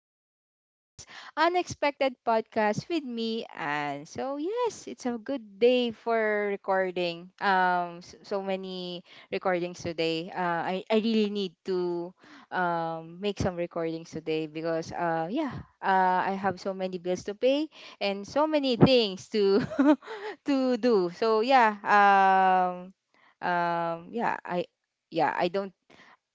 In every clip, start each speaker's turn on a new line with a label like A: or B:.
A: and for this unexpected podcast with me. And so, yes, it's a good day for recording. So many recordings today. I really need to make some recordings today because I have so many bills to pay and so many things to to do, so yeah um yeah I yeah I don't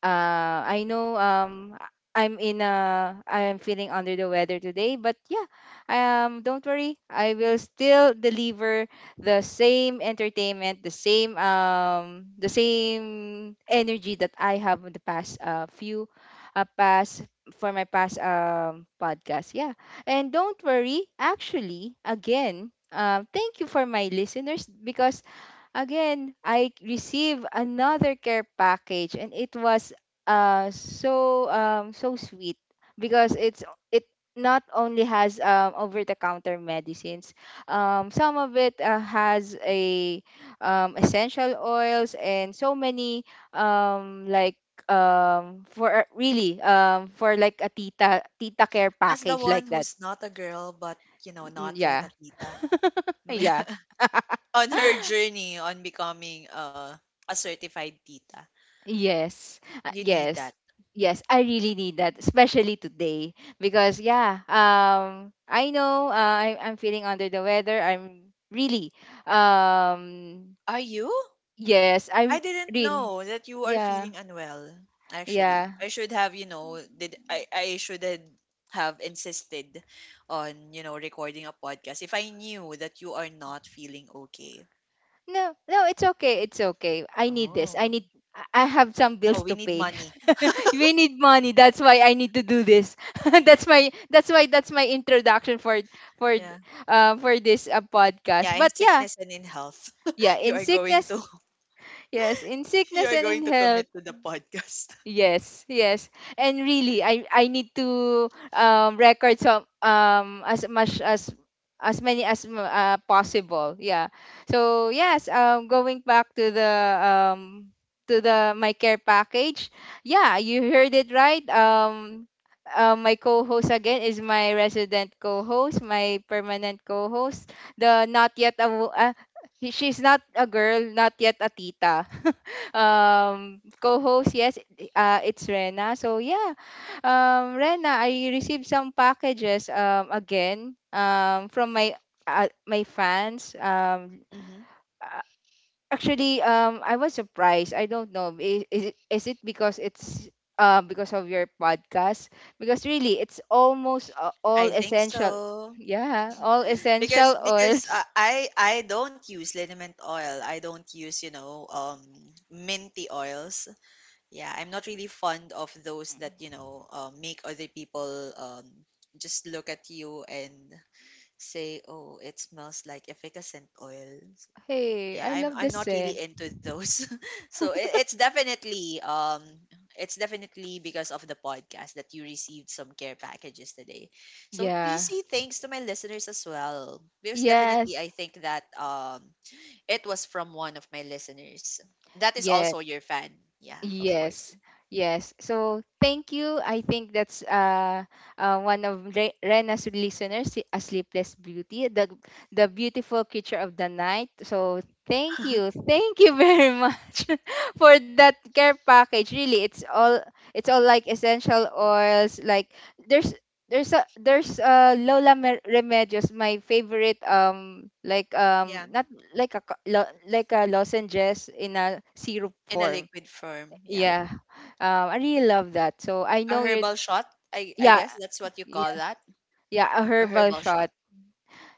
A: I know. I'm in a I'm feeling under the weather today, but yeah, don't worry. I will still deliver the same entertainment, the same energy that I have in the past few past for my past podcast. Yeah. And don't worry, actually, again, thank you for my listeners because, again, I received another care package, and it was so sweet because it not only has over the counter medicines. Some of it, has a essential oils and so many, um like for really, for like a tita care
B: As the
A: package
B: one
A: like that.
B: who's not a girl, but you know,
A: Mm.
B: not yet
A: Yeah.
B: a tita.
A: Yeah.
B: On her journey on becoming a certified tita,
A: Yes,
B: you need that.
A: yes, yes. I really need that, especially today, because yeah, I know, I'm feeling under the weather. I'm really, um,
B: Are you?
A: yes, I'm
B: I didn't
A: really,
B: know that you are
A: yeah,
B: feeling unwell. Actually,
A: yeah.
B: I should have, you know, did I? I should have insisted on, you know, recording a podcast if I knew that you are not feeling okay.
A: No, no, it's okay, it's okay. I need this.
B: Oh,
A: I need. I have some
B: oh,
A: bills
B: we
A: to
B: need
A: pay.
B: money.
A: We need money. That's why I need to do this. That's my. That's why. That's my introduction for for
B: Yeah,
A: for this, podcast.
B: yeah,
A: But
B: in
A: yeah,
B: sickness and in health,
A: yeah,
B: you
A: in
B: are going
A: sickness,
B: to
A: yes, in sickness
B: You're
A: and
B: going
A: in
B: to
A: health.
B: commit to the podcast.
A: Yes, yes. And really I need to record some as much as many as possible. Yeah. So yes, going back to um the my care package. Yeah, you heard it right. My co-host again is my resident co-host, my permanent co-host. The not yet a she's not a girl, not yet a tita. Co-host, yes, it's Rena. So yeah, Rena, I received some packages, again, from my, my fans.
B: Hmm.
A: Uh, Actually, I was surprised. I don't know. Is it because it's, because of your podcast? Because really, it's almost, all
B: I think
A: essential.
B: so
A: Yeah, all
B: because
A: essential oils.
B: I don't use liniment oil. I don't use you know minty oils. Yeah, I'm not really fond of those that you know make other people just look at you and say, oh, it smells like efficacent oil.
A: Hey,
B: Yeah,
A: I
B: i'm
A: love the
B: i'm not
A: scent.
B: really into those. So it's definitely it's definitely because of the podcast that you received some care packages today, so
A: Yeah.
B: please say thanks to my listeners as well because definitely
A: Yes.
B: I think that it was from one of my listeners that is
A: Yes.
B: also your fan, yeah, of course.
A: Yes, yes. So thank you. I think that's, uh, one of Rena's listeners, a sleepless beauty, the beautiful creature of the night. So thank you very much for that care package. Really, it's all, it's all like essential oils. Like there's there's Lola Remedios, my favorite,
B: Yeah,
A: not like a like a lozenges in a syrup
B: in a
A: form.
B: liquid form, yeah.
A: Yeah. I really love that. So I
B: A
A: know you're
B: herbal shot. I
A: yeah,
B: guess that's what you call
A: yeah,
B: that.
A: yeah, a
B: A
A: herbal
B: herbal shot.
A: shot.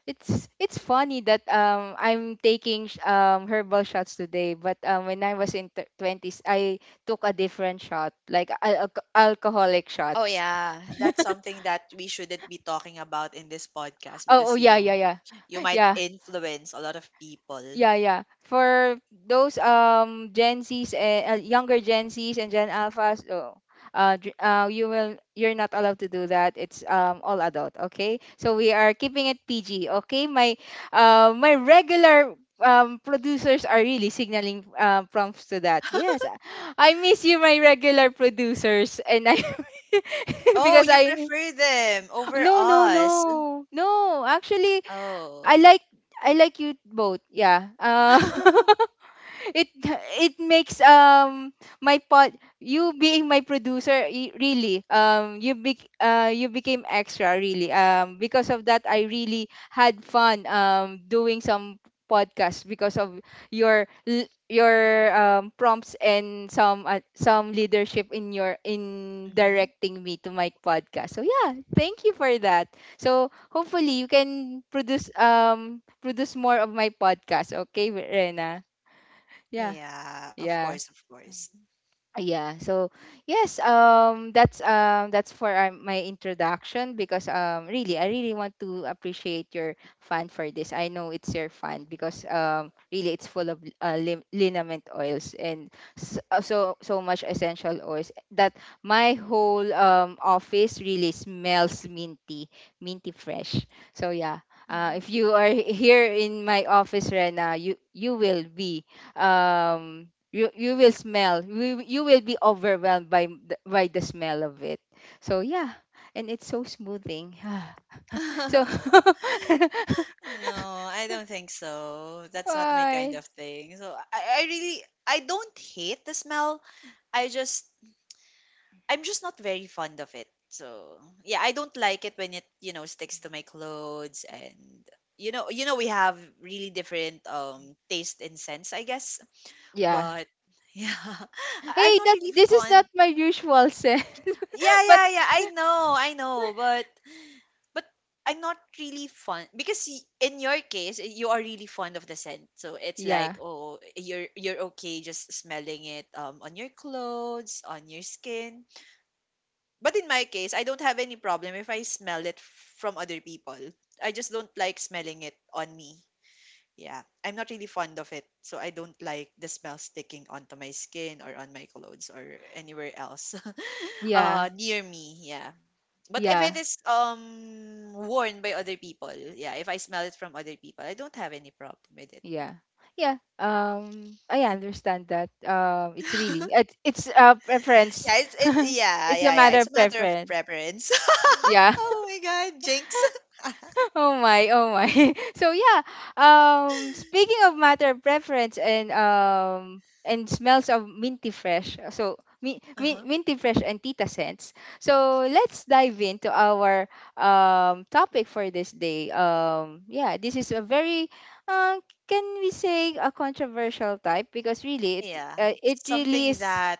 A: It's funny that I'm taking herbal shots today, but when I was in t- 20s, I took a different shot, like alcoholic
B: Oh
A: shots.
B: yeah, that's something that we shouldn't be talking about in this podcast
A: Oh, oh
B: because you
A: yeah, yeah,
B: know,
A: yeah.
B: you might
A: Yeah.
B: influence a lot of people.
A: Yeah, yeah. For those Gen Zs and, younger Gen Zs and Gen Alphas, oh, you will you're not allowed to do that. It's all adult, okay? So we are keeping it PG, okay? My my regular producers are really signaling, prompts to that. Yes, I miss you, my regular producers, and I
B: Oh,
A: because
B: you
A: I
B: prefer them over
A: no no
B: us.
A: no no actually I
B: Oh.
A: like I like you both. Yeah. It it makes my pod you being my producer, really, um, you you became extra really because of that. I really had fun doing some podcasts because of your your, prompts and some, some leadership in your in
B: Hmm.
A: directing me to my podcast, so yeah, thank you for that. So hopefully you can produce more of my podcast, okay, Rena? Yeah,
B: Yeah, of
A: yeah.
B: course, of course.
A: Yeah. So yes, that's for, my introduction, because really I really want to appreciate your fan for this. I know it's your fan because really it's full of, liniment oils and so much essential oils that my whole office really smells minty, minty fresh. So yeah.
B: Hmm.
A: If you are here in my office right now, you will be, um you you will smell you, you will be overwhelmed by by the smell of it, so yeah, and it's so smoothing. So
B: No, I don't think so. That's not my kind
A: why
B: of thing. So I really I don't hate the smell. I just I'm just not very fond of it. So yeah, I don't like it when it you know sticks to my clothes and you know we have really different taste and sense I guess.
A: yeah,
B: But yeah, I'm
A: hey,
B: not
A: that
B: really
A: this is
B: fond.
A: not my usual scent.
B: Yeah,
A: But
B: yeah, yeah, I know, I know, but I'm not really fond because y- in your case eh, you are really fond of the scent so it's
A: yeah
B: like oh you're okay just smelling it on your clothes on your skin. But in my case, I don't have any problem if I smell it from other people. I just don't like smelling it on me. Yeah, I'm not really fond of it. So I don't like the smell sticking onto my skin or on my clothes or anywhere else
A: yeah
B: near me. Yeah. But if it
A: yeah
B: is worn by other people, yeah, if I smell it from other people, I don't have any problem with it.
A: yeah yeah, I understand that, it's really, it's a preference.
B: Yeah, it's it yeah,
A: It's a
B: yeah, yeah.
A: matter
B: It's a
A: of
B: matter of
A: preference,
B: preference.
A: yeah.
B: Oh my god, jinx.
A: Oh my, oh my. So yeah, speaking of matter of preference and smells of minty fresh. So minty fresh and tita scents. So let's dive into our topic for this day. Yeah, this is a very, uh, can we say a controversial type, because really it,
B: Yeah,
A: it really
B: something
A: is
B: that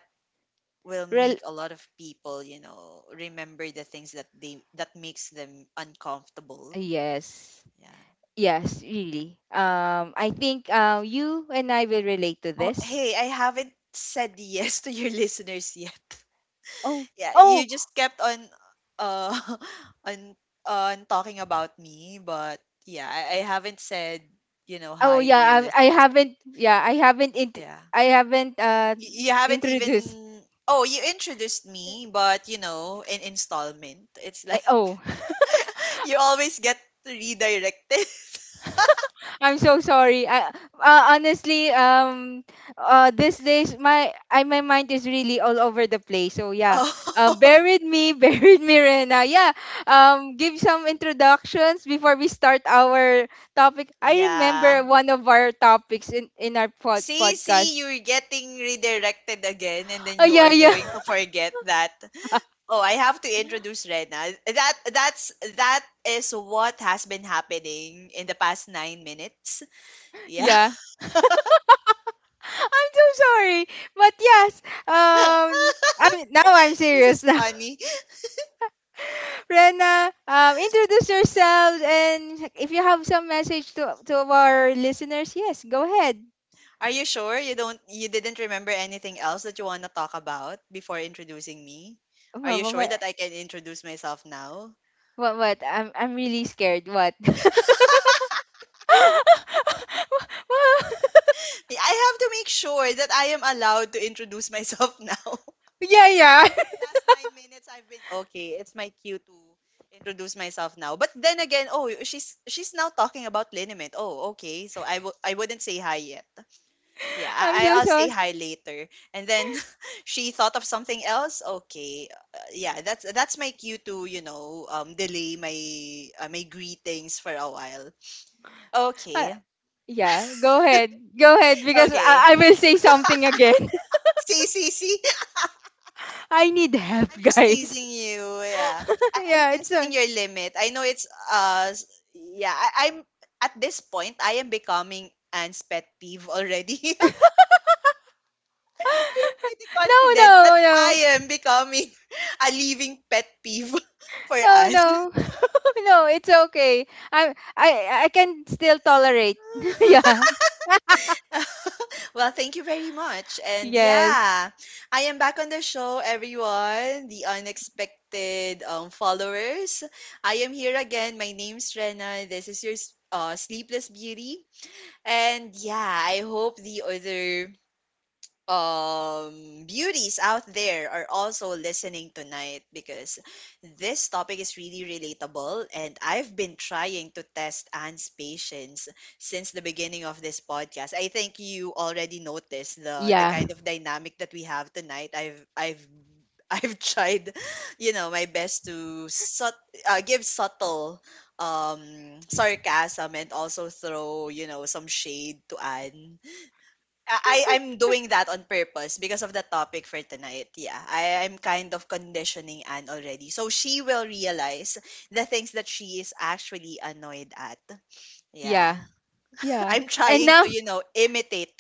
B: will
A: rel-
B: make a lot of people, you know, remember the things that they that makes them uncomfortable.
A: yes.
B: Yeah.
A: Yes, really. I think, you and I will relate to
B: Oh,
A: this.
B: hey, I haven't said yes to your listeners yet.
A: Oh,
B: Yeah, you
A: oh,
B: just kept on uh on on talking about me, but yeah, I haven't said, you know,
A: oh
B: hi to your
A: yeah, I
B: listeners. Yet.
A: haven't, yeah, I haven't
B: Yeah.
A: I haven't uh
B: Y- You haven't
A: introduced.
B: even Oh, you introduced me, but you know, in installment. It's
A: I,
B: like
A: oh,
B: you always get redirected.
A: I'm so sorry. Uh, honestly, these days my mind is really all over the place. So yeah.
B: Oh,
A: Buried me, buried me, Rena. Yeah. Give some introductions before we start our topic. I
B: yeah.
A: remember one of our topics in our
B: See, see,
A: podcast.
B: you're getting redirected again, and then
A: Oh
B: you
A: yeah,
B: are going
A: yeah.
B: to forget that. Oh, I have to introduce Rena. That that's that is what has been happening in the past 9 minutes. Yeah.
A: Yeah. I'm so sorry. But yes, um, I mean, now I'm
B: This
A: serious
B: is
A: now.
B: funny.
A: Rena, introduce yourselves, and if you have some message to our listeners, yes, go ahead.
B: Are you sure you don't you didn't remember anything else that you want to talk about before introducing me? Are
A: What
B: you
A: what
B: sure
A: what
B: that I can introduce myself now?
A: what? I'm really scared. What?
B: I have to make sure that I am allowed to introduce myself now.
A: Yeah,
B: Because
A: yeah.
B: for the last 9 minutes, I've been okay. It's my cue to introduce myself now. But then again, oh, she's now talking about liniment. Oh, okay. So I w- I wouldn't say hi yet. Yeah,
A: I'm
B: I-
A: so
B: I'll say
A: sorry.
B: hi later. And then she thought of something else. Okay, yeah, that's my cue to you know delay my my greetings for a while.
A: Uh,
B: Okay,
A: yeah, go ahead. Go ahead because
B: okay.
A: I will say something again.
B: See, see, see.
A: I need help,
B: I'm just
A: guys.
B: teasing you. Yeah. I'm
A: Yeah,
B: testing your limit. I know it's s- yeah, I'm at this point I am becoming Anne's pet peeve already. I am pretty
A: no,
B: confident that
A: no,
B: I
A: no.
B: am becoming a living pet peeve for
A: No,
B: Anne.
A: no. No, it's okay. I can still tolerate. Yeah.
B: Well, thank you very much. And
A: Yes.
B: yeah, I am back on the show, everyone. The unexpected followers. I am here again. My name's Rena. This is your s- sleepless beauty. And yeah, I hope the other beauties out there are also listening tonight because this topic is really relatable and I've been trying to test Anne's patience since the beginning of this podcast. I think you already
A: Yeah.
B: noticed the kind of dynamic that we have tonight. I've I've tried, you know, my best to sut- give subtle sarcasm and also throw, you know, some shade to Anne. I I'm doing that on purpose because of the topic for tonight. Yeah, I am kind of conditioning Anne already, so she will realize the things that she is actually annoyed at. Yeah,
A: Yeah. Yeah.
B: I'm
A: And
B: trying
A: now,
B: to, you know, imitate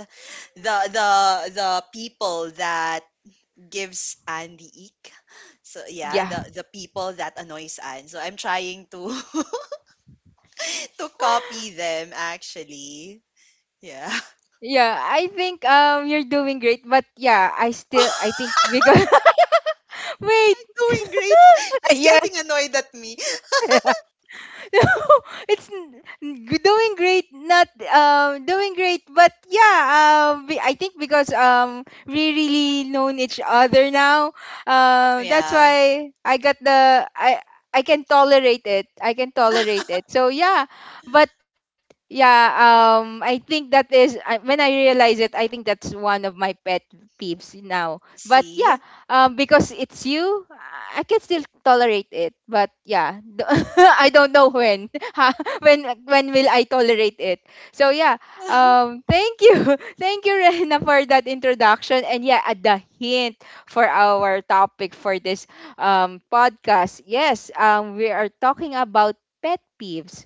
B: the the the people that gives Anne the ick. So yeah,
A: yeah.
B: the people that annoys Anne. So I'm trying to to copy them actually. Yeah.
A: Yeah, I think you're doing great, but yeah, I think because wait,
B: Doing great. She's getting
A: yes.
B: annoyed at me.
A: No, it's doing great, not doing great, but yeah, I think because we really known each other now, that's
B: Yeah.
A: why I got the I can tolerate it. I can tolerate it. So yeah, but yeah, I think that is when I realize it. I think that's one of my pet peeves now. But yeah,
B: See?
A: because it's you, I can still tolerate it. But yeah, I don't know when. Ha, when will I tolerate it? So yeah, thank you, thank you, Rena, for that introduction and yeah, at the hint for our topic for this podcast. Yes, we are talking about pet peeves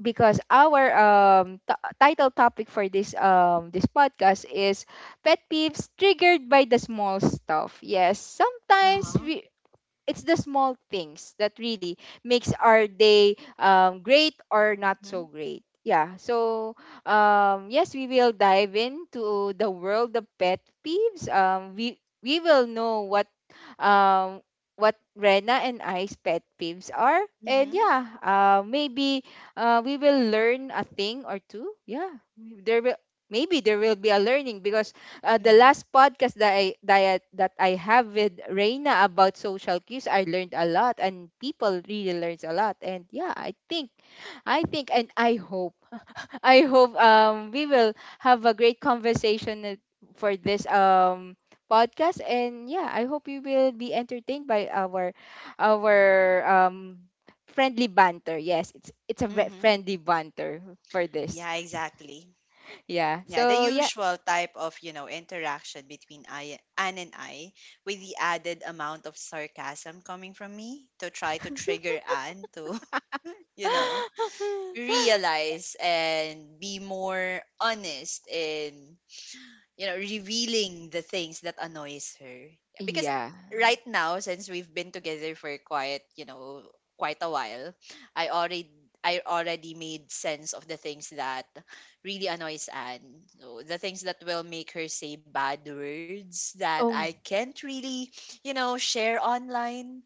A: because our title topic for this this podcast is pet peeves triggered by the small stuff. Yes, sometimes
B: Uh-huh.
A: we it's the small things that really makes our day, great or not
B: Mm-hmm.
A: so great. Yeah, so yes, we will dive into the world of pet peeves. We will know what, um, what Rena and I's pet peeves are. And
B: Mm-hmm.
A: yeah, maybe, we will learn a thing or two. Yeah, there will maybe there will be a learning because, the
B: Mm-hmm.
A: last podcast that that I have with Reina about social cues, I learned a lot, and people really learns a lot. And yeah, I think and I hope I hope we will have a great conversation for this podcast, and yeah, I hope you will be entertained by our our um friendly banter. Yes, it's a
B: Mm-hmm.
A: friendly banter for this.
B: Yeah, exactly.
A: Yeah.
B: Yeah, the
A: So yeah.
B: usual type of, you know, interaction between I Anne and I with the added amount of sarcasm coming from me to try to trigger Anne to you know, realize and be more honest in, you know, revealing the things that annoys her. Yeah, because
A: Yeah.
B: right now, since we've been together for quite, you know, quite a while, I already I already made sense of the things that really annoys Anne. So the things that will make her say bad words that
A: Oh
B: I can't really, you know, share online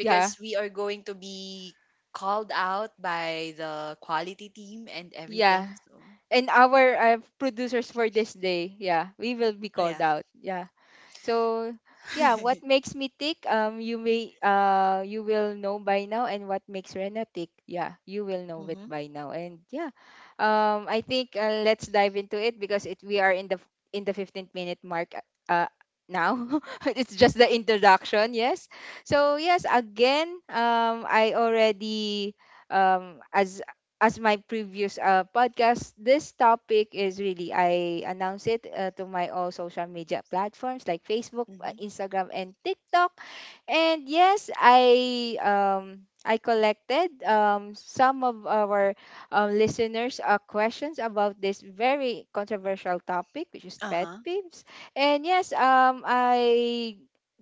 A: yeah.
B: we are going to be called out by the quality team and everything.
A: Yeah.
B: So
A: And our, producers for this day, yeah, we will be called
B: yeah.
A: out. Yeah. So yeah, what makes me tick? You may you will know by now, and what makes Rena tick? Yeah, you will know it
B: Mhm.
A: by now, and yeah, I think, let's dive into it because it we are in the 15th minute mark. Uh, now it's just the introduction, yes. So yes, again, I already, um as as my previous, podcast, this topic is really I announce it, to my all social media platforms like Facebook,
B: Mhm.
A: Instagram, and TikTok. And yes, I collected, some of our, listeners' questions about this very controversial topic, which is
B: Uh
A: pet
B: huh.
A: peeves. And yes, I.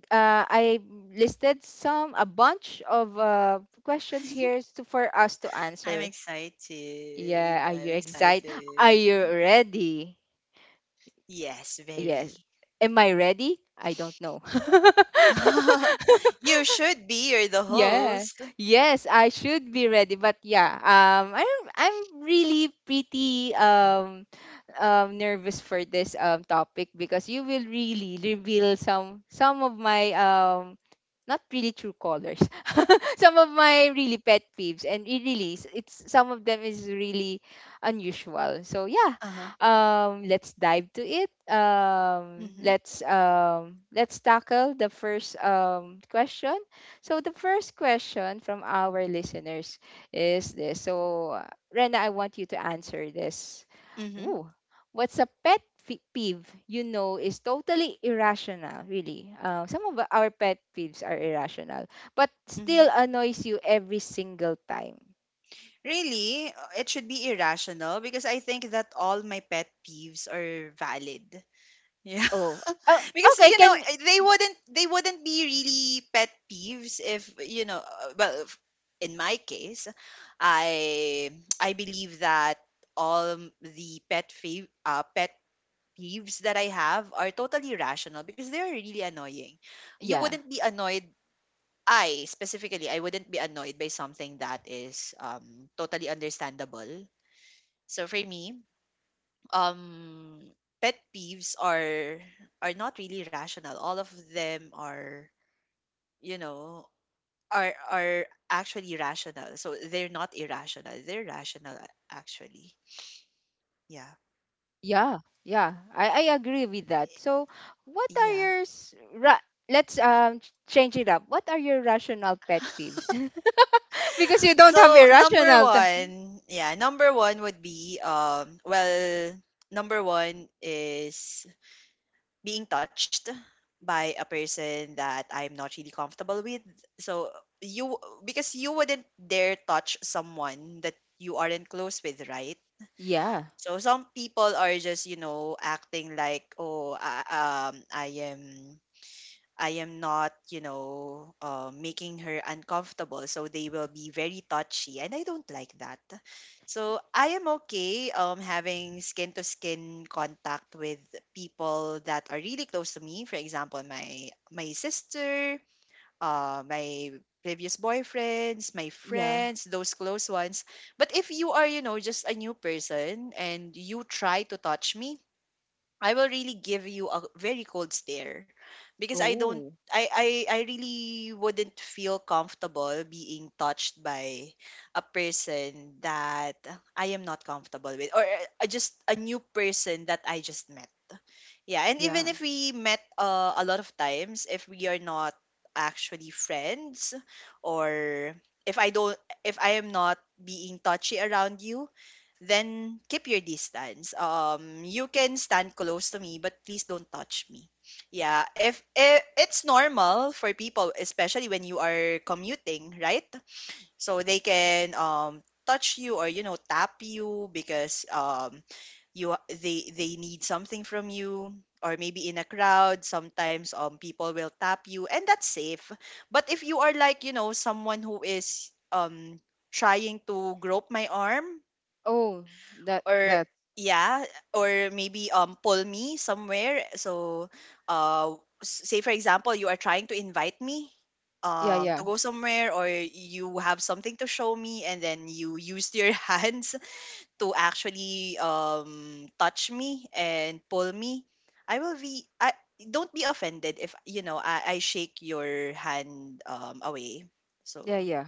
A: I listed some a bunch of questions here for us to
B: I'm
A: answer.
B: excited.
A: Yeah, are
B: I'm
A: you excited? Are
B: excited.
A: you ready?
B: Yes,
A: Yes.
B: very.
A: Am I ready? I don't know.
B: You should be. You're the
A: Yeah.
B: host.
A: Yes, I should be ready. But yeah, I'm really pretty nervous for this topic because you will really reveal some of my not really true colors. Some of my really pet peeves, and it really it's some of them is really unusual, so yeah.
B: Uh huh.
A: Let's dive to it.
B: Mhm.
A: Let's tackle the first question. So the first question from our listeners is this. Rena, I want you to answer this.
B: Mhm.
A: Ooh. What's a peeve you know is totally irrational, really. Some of our pet peeves are irrational, but
B: Mhm.
A: still annoys you every single time.
B: Really, it should be irrational because I think that all my pet peeves are valid. Yeah.
A: Oh. Oh,
B: Because
A: okay,
B: you know
A: can
B: eh, they wouldn't be really pet peeves if you know well if- in my case I I believe that all m- the pet fav- pet peeves that I have are totally rational because they are really annoying. You
A: yeah,
B: wouldn't be annoyed I specifically I wouldn't be annoyed by something that is totally understandable. So for me um pet peeves are not really rational all of them are you know are actually rational so they're not irrational they're rational a- actually, yeah.
A: yeah, yeah. I agree with that.
B: Eh,
A: So, what are
B: yeah,
A: your s- ra- change it up. What are your rational pet peeves? Because you don't have
B: so number
A: irrational.
B: one, yeah, number one would be well number one is being touched by a person that I'm not really comfortable with. So you because you wouldn't dare touch someone that you aren't close with, right?
A: Yeah,
B: So some people are just, you know, acting like, oh, I am I am not, you know, making her uncomfortable. So they will be very touchy, and I don't like that. So I am okay having skin to skin contact with people that are really close to me. For example, my sister, my previous boyfriends, my
A: yeah.
B: friends, those close ones. But if you are, you know, just a new person and you try to touch me, I will really give you a very cold stare because I don't
A: Oh,
B: I I really wouldn't feel comfortable being touched by a person that I am not comfortable with or just a new person that I just met. Yeah, and even
A: yeah.
B: if we met a lot of times, if we are not actually friends, or if I don't, if I am not being touchy around you, then keep your distance. You can stand close to me, but please don't touch me. Yeah, if it's normal for people, especially when you are commuting, right? So they can touch you or tap you because you they need something from you. Or maybe in a crowd, sometimes people will tap you and that's safe. But if you are, like, someone who is trying to grope my arm,
A: Oh, that
B: or,
A: that
B: yeah, or maybe pull me somewhere, so uh say for example you are trying to invite me
A: yeah,
B: to
A: yeah,
B: go somewhere, or you have something to show me, and then you used your hands to actually touch me and pull me. I don't be offended if you know I shake your hand away,
A: yeah,
B: so,
A: yeah.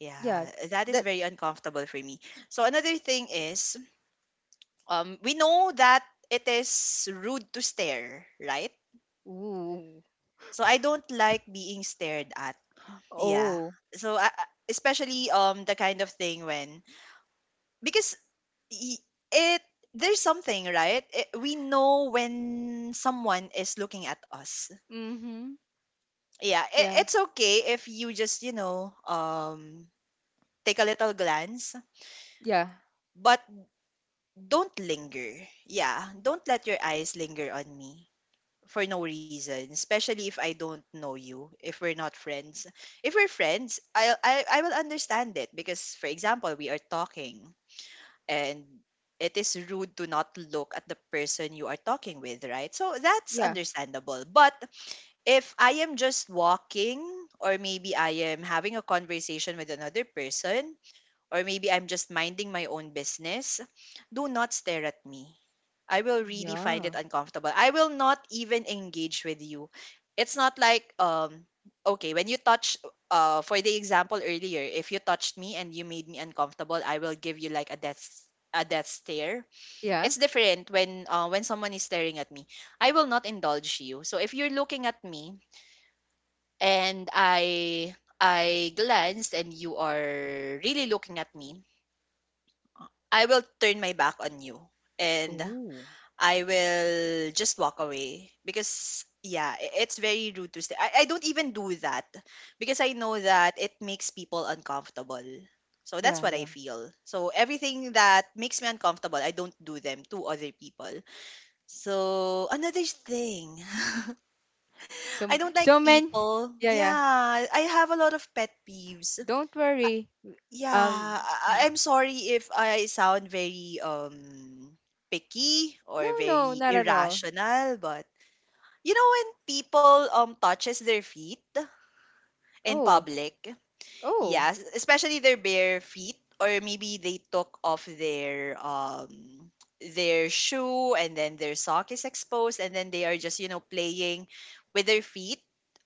B: yeah,
A: Yeah,
B: that is
A: that
B: very uncomfortable for me. So another thing is, we know that it is rude to stare, right?
A: ooh.
B: So I don't like being stared at. Yeah.
A: Oh.
B: So especially the kind of thing when, because y- it there's something, right, we know when someone is looking at us.
A: Mm-hmm.
B: Yeah, it,
A: Yeah.
B: it's okay if you just, take a little glance,
A: Yeah.
B: but don't linger. Yeah, don't let your eyes linger on me for no reason, especially if I don't know you, if we're not friends. If we're friends, I will understand it because, for example, we are talking, and it is rude to not look at the person you are talking with, right? So that's
A: Yeah.
B: understandable. But if I am just walking, or maybe I am having a conversation with another person, or maybe I'm just minding my own business, do not stare at me. I will really find it
A: Yeah.
B: uncomfortable. I will not even engage with you. It's not like, okay, when you touch, for the example earlier, if you touched me and you made me uncomfortable, I will give you, like, a death stare.
A: Yeah.
B: It's different when, when someone is staring at me. I will not indulge you. So if you're looking at me, and I glanced and you are really looking at me, I will turn my back on you, and
A: Oh.
B: I will just walk away because, yeah, it's very rude to stay. I don't even do that because I know that it makes people uncomfortable. So that's
A: Yeah,
B: what I
A: yeah.
B: feel. So everything that makes me uncomfortable, I don't do them to other people. So another thing, I
A: So
B: don't like
A: so many,
B: people.
A: yeah,
B: Yeah,
A: yeah.
B: I have a lot of pet peeves.
A: Don't worry.
B: Yeah,
A: Um
B: am sorry if I sound very picky or
A: no, no,
B: very
A: not at all.
B: irrational. But you know when people touches their feet in
A: Oh.
B: public,
A: Oh.
B: yes, especially their bare feet, or maybe they took off their, shoe, and then their sock is exposed, and then they are just, playing with their feet.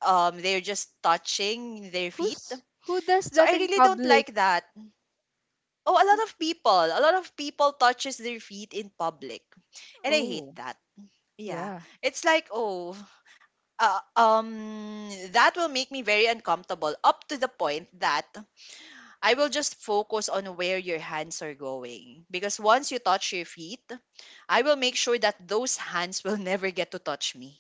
B: They're just touching their feet.
A: Who does
B: So I
A: that in
B: really don't
A: public?
B: like that. Oh, a lot of people. A lot of people touches their feet in public. And I hate
A: Oh.
B: that. Yeah.
A: Yeah.
B: It's like, oh, that will make me very uncomfortable up to the point that I will just focus on where your hands are going, because once you touch your feet, I will make sure that those hands will never get to touch me.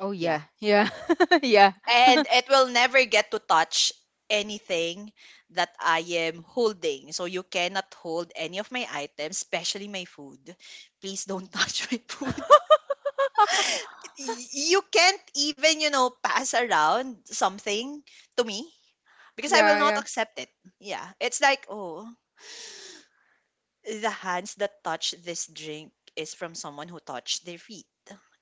A: Oh yeah.
B: Yeah.
A: Yeah. Yeah.
B: And it will never get to touch anything that I am holding. So you cannot hold any of my items, especially my food. Please don't touch my food. You can't even, pass around something to me, because I will
A: Yeah,
B: not
A: yeah.
B: accept it. Yeah. It's like, oh, the hands that touch this drink is from someone who touched their feet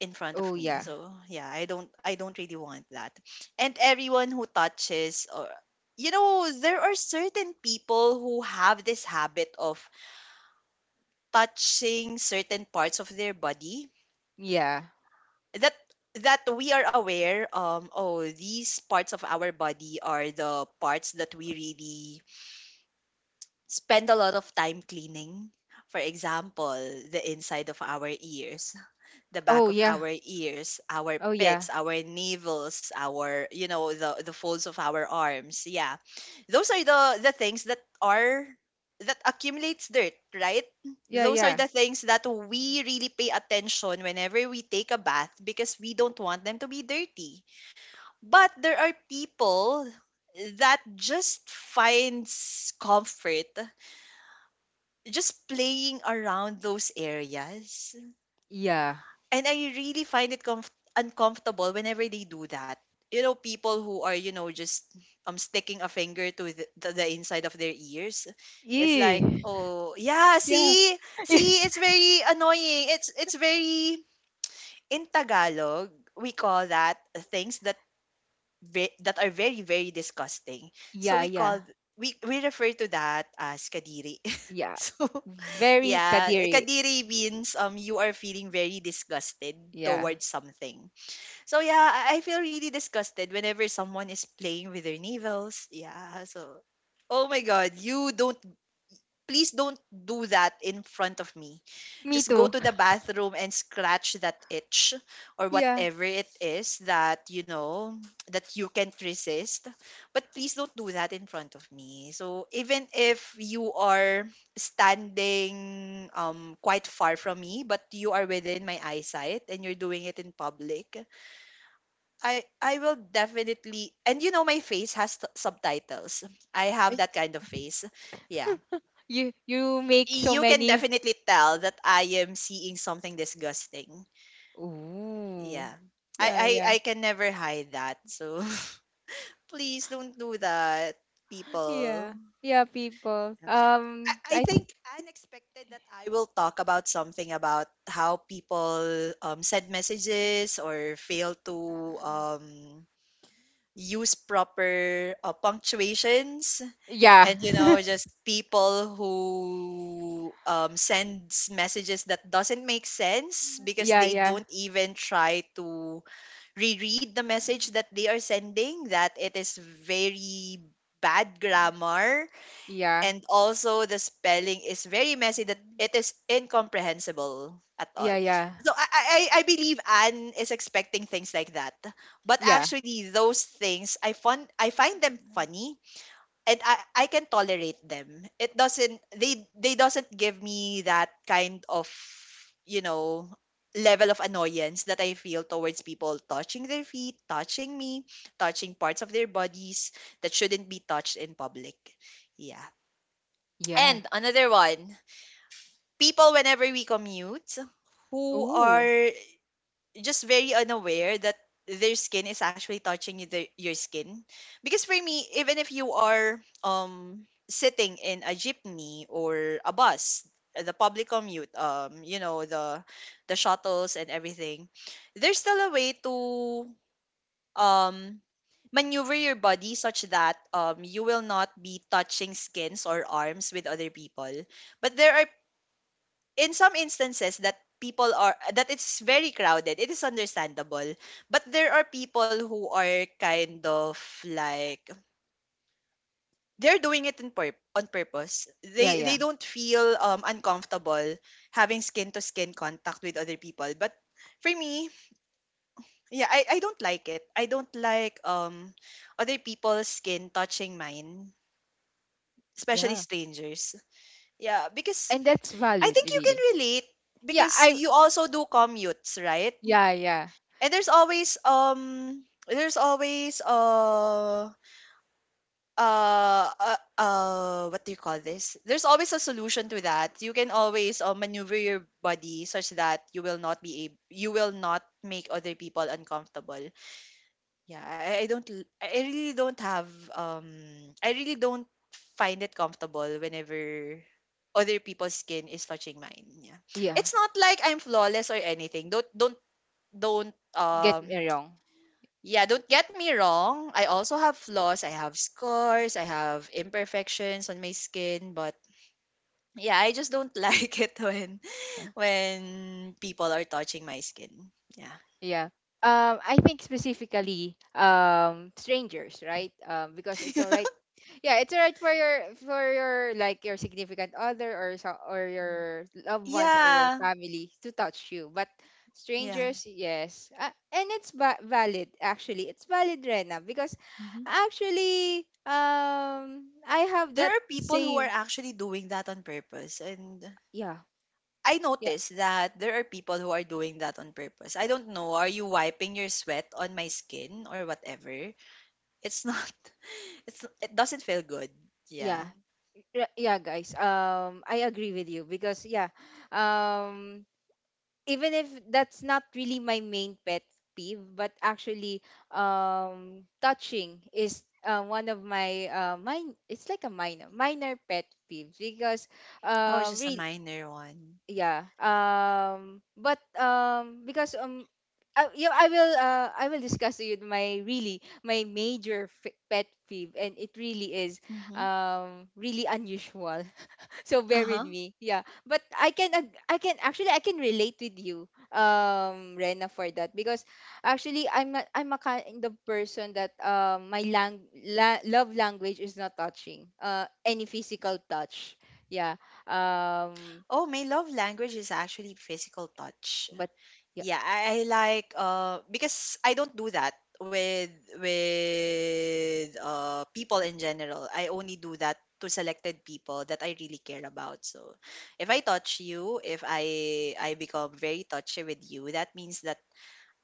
B: in front
A: Oh
B: of me.
A: yeah.
B: So yeah, I don't really want that. And everyone who touches, or, there are certain people who have this habit of touching certain parts of their body,
A: Yeah.
B: that that we are aware, oh, these parts of our body are the parts that we really spend a lot of time cleaning. For example, the inside of our ears, the back
A: Oh
B: of
A: yeah.
B: our ears, our
A: Oh yeah.
B: pits, our navels, our, the folds of our arms. Yeah, those are the things that are that accumulates dirt, right?
A: Yeah,
B: Those are
A: yeah.
B: the things that we really pay attention whenever we take a bath, because we don't want them to be dirty. But there are people that just finds comfort just playing around those areas,
A: Yeah.
B: and I really find it uncomfortable whenever they do that. You know, people who are, just sticking a finger to the inside of their ears. It's
A: Yeah.
B: like,
A: Ew.
B: oh yeah,
A: Yeah.
B: see, see, it's very annoying. It's very. In Tagalog, we call that things that, that are very, very disgusting. So
A: Yeah,
B: we call
A: yeah,
B: we refer to that as kadiri.
A: yeah.
B: So
A: Very
B: yeah,
A: kadiri.
B: kadiri means you are feeling very disgusted
A: Yeah.
B: towards something. So yeah, I feel really disgusted whenever someone is playing with their navels. Yeah, so, oh my god, you don't please don't do that in front of me.
A: Me
B: Just go
A: too.
B: to the bathroom and scratch that itch, or
A: Yeah.
B: whatever it is that you know, that you can't resist. But please don't do that in front of me. So even if you are standing quite far from me, but you are within my eyesight and you're doing it in public, I will definitely, and you know my face has subtitles. I have
A: Ay.
B: that kind of face. Yeah,
A: You make so
B: you can
A: many.
B: definitely tell that I am seeing something disgusting.
A: Ooh.
B: Yeah.
A: Yeah,
B: I
A: yeah.
B: I can never hide that. So please don't do that, people.
A: Yeah. Yeah, people.
B: I think unexpected that I will talk about something about how people, send messages, or fail to, use proper, punctuations,
A: Yeah.
B: and you know just people who, sends messages that doesn't make sense because
A: Yeah,
B: they
A: yeah.
B: don't even try to reread the message that they are sending, that it is very bad grammar,
A: Yeah.
B: and also the spelling is very messy, that it is incomprehensible at all.
A: Yeah, yeah.
B: So I believe Anne is expecting things like that, but
A: Yeah.
B: actually, those things I find them funny, and I can tolerate them. It doesn't They doesn't give me that kind of, you know level of annoyance that I feel towards people touching their feet, touching me, touching parts of their bodies that shouldn't be touched in public. Yeah.
A: Yeah.
B: And another one, people whenever we commute who
A: Ooh.
B: are just very unaware that their skin is actually touching your skin. Because for me, even if you are sitting in a jeepney or a bus, the public commute, the shuttles and everything, there's still a way to um maneuver your body such that you will not be touching skins or arms with other people. But there are, in some instances that people are, that it's very crowded, it is understandable. But there are people who are kind of, like, they're doing it in on purpose.
A: Yeah,
B: they
A: yeah.
B: they don't feel uncomfortable having skin to skin contact with other people. But for me, yeah, I don't like it. I don't like other people's skin touching mine, especially
A: Yeah.
B: strangers. Yeah, because
A: And that's
B: I
A: valid
B: think you can
A: really.
B: relate,
A: Yeah,
B: because
A: I
B: you also do commutes, right?
A: yeah, yeah.
B: And there's always, what do you call this? There's always a solution to that. You can always, maneuver your body such that you will not make other people uncomfortable. Yeah, um, I really don't find it comfortable whenever other people's skin is touching mine. Yeah,
A: Yeah.
B: it's not like I'm flawless or anything. Don't,
A: Get me wrong.
B: yeah, don't get me wrong. I also have flaws. I have scars. I have imperfections on my skin, but yeah, I just don't like it when people are touching my skin. Yeah.
A: Yeah. I think specifically strangers, right? Because it's all right. Yeah, it's all right for your like your significant other or so, or your loved ones or your
B: Yeah.
A: family to touch you, but
B: Yeah.
A: strangers, yes, and it's valid actually. It's valid, Rena, because
B: Mhm.
A: actually, I have
B: There
A: that
B: are people who are
A: same.
B: actually doing that on purpose, and
A: Yeah,
B: I
A: yeah,
B: notice that there are people who are doing that on purpose. I don't know, are you wiping your sweat on my skin or whatever? It's not. It doesn't feel good. Yeah.
A: yeah, yeah, guys. I agree with you because yeah, um even if that's not really my main pet peeve, but actually, touching is one of my mine. It's like a minor pet peeves because
B: Oh, it's just a
A: really,
B: minor one.
A: yeah. But because Yeah, I will discuss to you my really my pet peeve, and it really is
B: Mm-hmm.
A: really unusual, so bear with
B: Uh-huh.
A: me, yeah. But I can ag- I can actually I can relate with you, Rena, for that. Because actually, I'm a kind of person that my love language is not touching, any physical touch, yeah. um
B: Oh, my love language is actually physical touch.
A: but yeah.
B: Yeah, I like, because I don't do that with with people in general. I only do that to selected people that I really care about. So if I touch you, if I become very touchy with you, that means that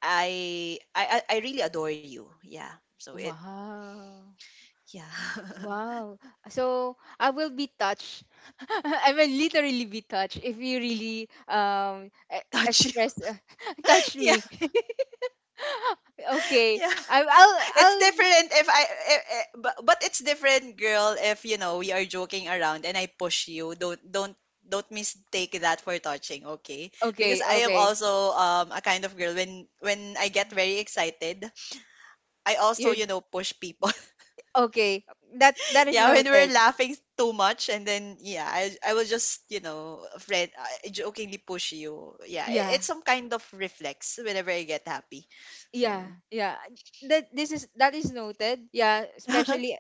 B: I really adore you. Yeah. So, it
A: Wow.
B: yeah.
A: Wow. So I will be touched. I will literally be touched if you really
B: touch you.
A: express. Touch
B: Yeah.
A: me. Okay.
B: Yeah.
A: I'll
B: It's
A: I'll
B: different if I, but it's different, girl. If you know we are joking around and I push you, don't mistake that for touching, okay? Because
A: okay,
B: I am
A: okay.
B: also a kind of girl when I get very excited, I also,
A: You're
B: push people.
A: okay. That is
B: Yeah, when
A: noted.
B: we're laughing too much, and then yeah, I will just, friend, I jokingly push you. Yeah, it,
A: Yeah.
B: it's some kind of reflex whenever I get happy. So,
A: Yeah, yeah. That is noted. Yeah, especially,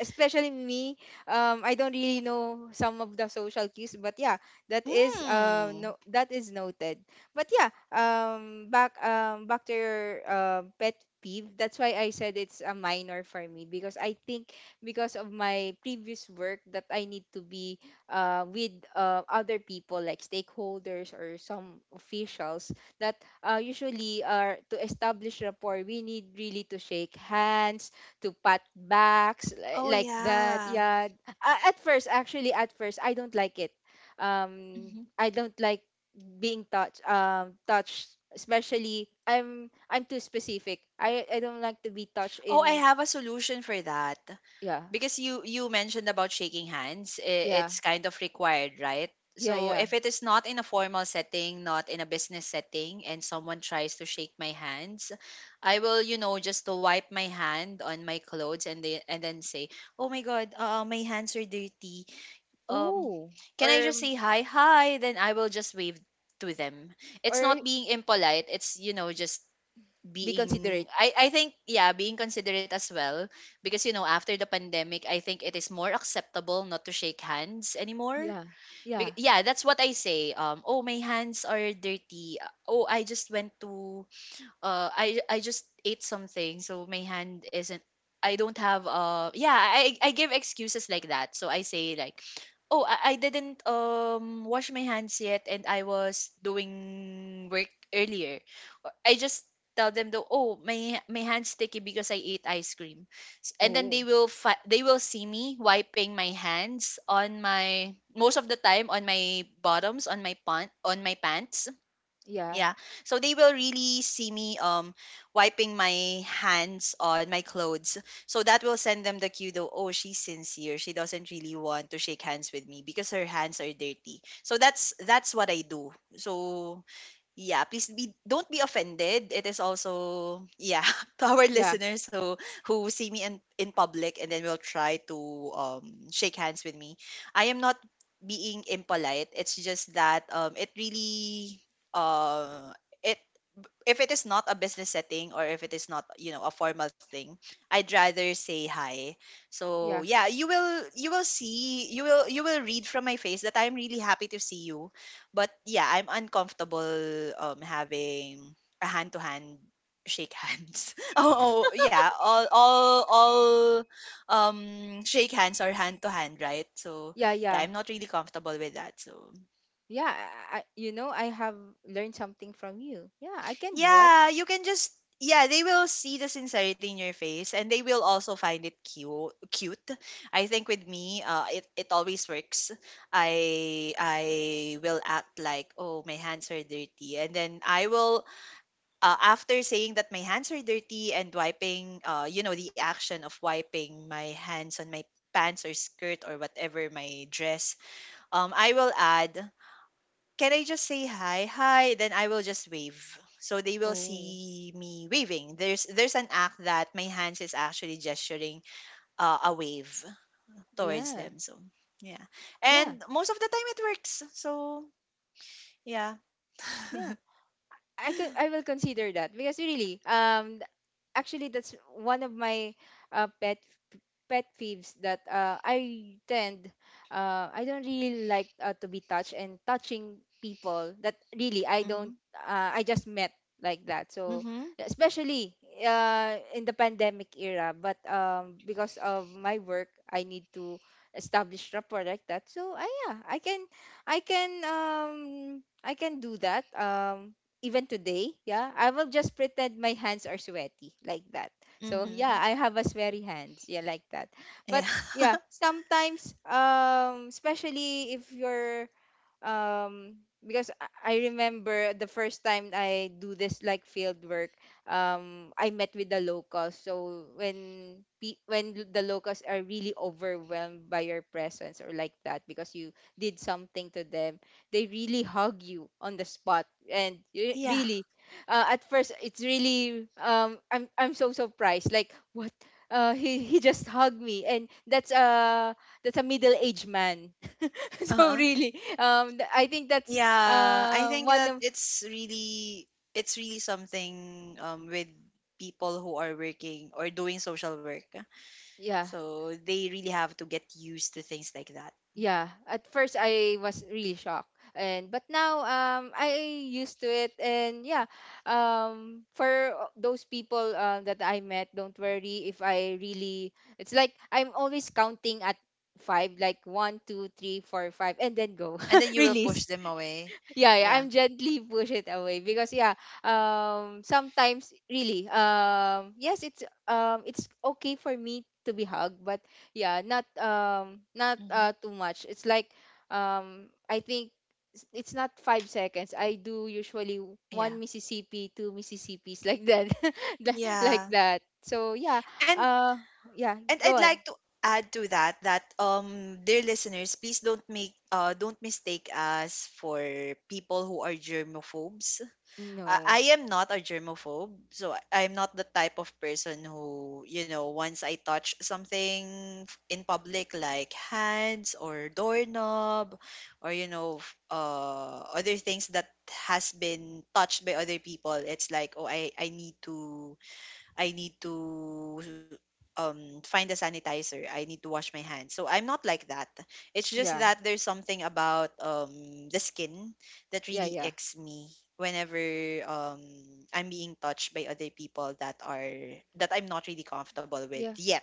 A: me. I don't really know some of the social cues, but yeah, that is
B: mm.
A: no, that is noted. But yeah, back to your pet peeve. That's why I said it's a minor for me, because I think because of my previous work that I need to be with other people like stakeholders or some officials that usually, to establish rapport, we need really to shake hands, to pat backs,
B: oh
A: like that.
B: yeah.
A: Yeah. At first, actually, at first, I don't like it. Um, I don't like being touched. Touched, especially. I'm too specific. I don't like to be touched
B: Oh, I
A: in.
B: have a solution for that.
A: Yeah.
B: Because you mentioned about shaking hands,
A: Yeah.
B: it's kind of required, right?
A: Yeah.
B: So
A: Yeah.
B: if it is not in a formal setting, not in a business setting, and someone tries to shake my hands, I will, just to wipe my hand on my clothes and they and then say, "Oh my God, my hands are dirty. Um,
A: Oh.
B: can I
A: Or
B: just say hi, hi?" Then I will just wave to them. It's
A: or
B: not being impolite. It's just
A: be
B: being
A: considerate.
B: I think, yeah, being considerate as well, because you know, after the pandemic I think it is more acceptable not to shake hands anymore.
A: Yeah. Yeah.
B: Yeah, that's what I say. Oh, my hands are dirty. Oh, I just went to I just ate something, so my hand isn't, I don't have, yeah, I give excuses like that. So I say like, "Oh, I didn't wash my hands yet, and I was doing work earlier. I just tell them though, oh, my hands sticky because I ate ice cream." And then they
A: Oh.
B: will they will see me wiping my hands on my, most of the time on my bottoms, on my pant on my pants.
A: Yeah.
B: Yeah. So they will really see me wiping my hands on my clothes. So that will send them the cue though, oh, she's sincere. She doesn't really want to shake hands with me because her hands are dirty. So that's what I do. So yeah, please be don't be offended. It is also, yeah, to our
A: Yeah.
B: listeners who see me in public and then will try to shake hands with me. I am not being impolite. It's just that it really uh it, if it is not a business setting or if it is not, you know, a formal thing, I'd rather say hi. So
A: Yeah.
B: yeah, you will see, you will read from my face that I'm really happy to see you, but yeah, I'm uncomfortable having a hand to hand, shake hands. Oh, oh yeah, all shake hands or hand to hand, right? So
A: Yeah.
B: yeah,
A: Yeah.
B: I'm not really comfortable with that. So
A: Yeah, I have learned something from you. Yeah, I can do it.
B: yeah, you can just, yeah, they will see the sincerity in your face and they will also find it cute. I think with me, it, it always works. I will act like, "Oh, my hands are dirty." And then I will, after saying that my hands are dirty and wiping, you know, the action of wiping my hands on my pants or skirt or whatever, my dress, I will add, "Can I just say hi? Hi," then I will just wave. So they will
A: Oh,
B: see me waving. There's an act that my hands is actually gesturing a wave towards
A: yeah,
B: them. So yeah,
A: yeah,
B: and most of the time it works. So yeah.
A: yeah. I will consider that because really, actually that's one of my uh, pet pet peeves, that I don't really like, to be touched and touching people that really I
B: Mhm.
A: don't I just met, like that. So
B: Mhm.
A: especially in the pandemic era, but because of my work I need to establish rapport like that, so yeah, I can do that, even today. Yeah, I will just pretend my hands are sweaty, like that. So yeah,
B: Mhm.
A: I have a sweaty hands, yeah, like that.
B: Yeah.
A: But yeah, sometimes, especially if you're um because I remember the first time I do this like field work, I met with the locals. So when the locals are really overwhelmed by your presence or like that because you did something to them, they really hug you on the spot.
B: Yeah.
A: Really, at first it's really, I'm so surprised. Like what? He just hugged me, and that's a middle aged man.
B: Uh
A: So
B: huh.
A: really I think that's
B: Yeah. I think
A: one
B: that
A: of.
B: it's really, it's really something with people who are working or doing social work.
A: Yeah,
B: So they really have to get used to things like that.
A: yeah. At first I was really shocked, and but now I used to it, and yeah. For those people that I met, don't worry if I really. It's like I'm always counting at five, like one two three four five, and then go.
B: And then you will push
A: Release.
B: them away.
A: Yeah, yeah,
B: Yeah.
A: I'm gently push it away because yeah, sometimes really, yes, it's okay for me to be hugged, but yeah, not not
B: Hmm.
A: too much. It's like, I think it's not 5 seconds. I do usually
B: Yeah.
A: one Mississippi, two Mississippis, like that. Like
B: Yeah.
A: that. So yeah,
B: And
A: uh, yeah,
B: and
A: go
B: I'd
A: on.
B: like to add to that that dear listeners, please don't make don't mistake us for people who are germophobes.
A: No,
B: I am not a germaphobe, so I'm not the type of person who, you know, once I touch something in public, like hands or doorknob, or you know, other things that has been touched by other people, it's like, oh, I need to, I need to find a sanitizer. I need to wash my hands. So I'm not like that. It's just
A: yeah,
B: that there's something about the skin that
A: yeah,
B: really
A: yeah,
B: icks me whenever um I'm being touched by other people that are, that I'm not really comfortable with
A: yeah.
B: yet.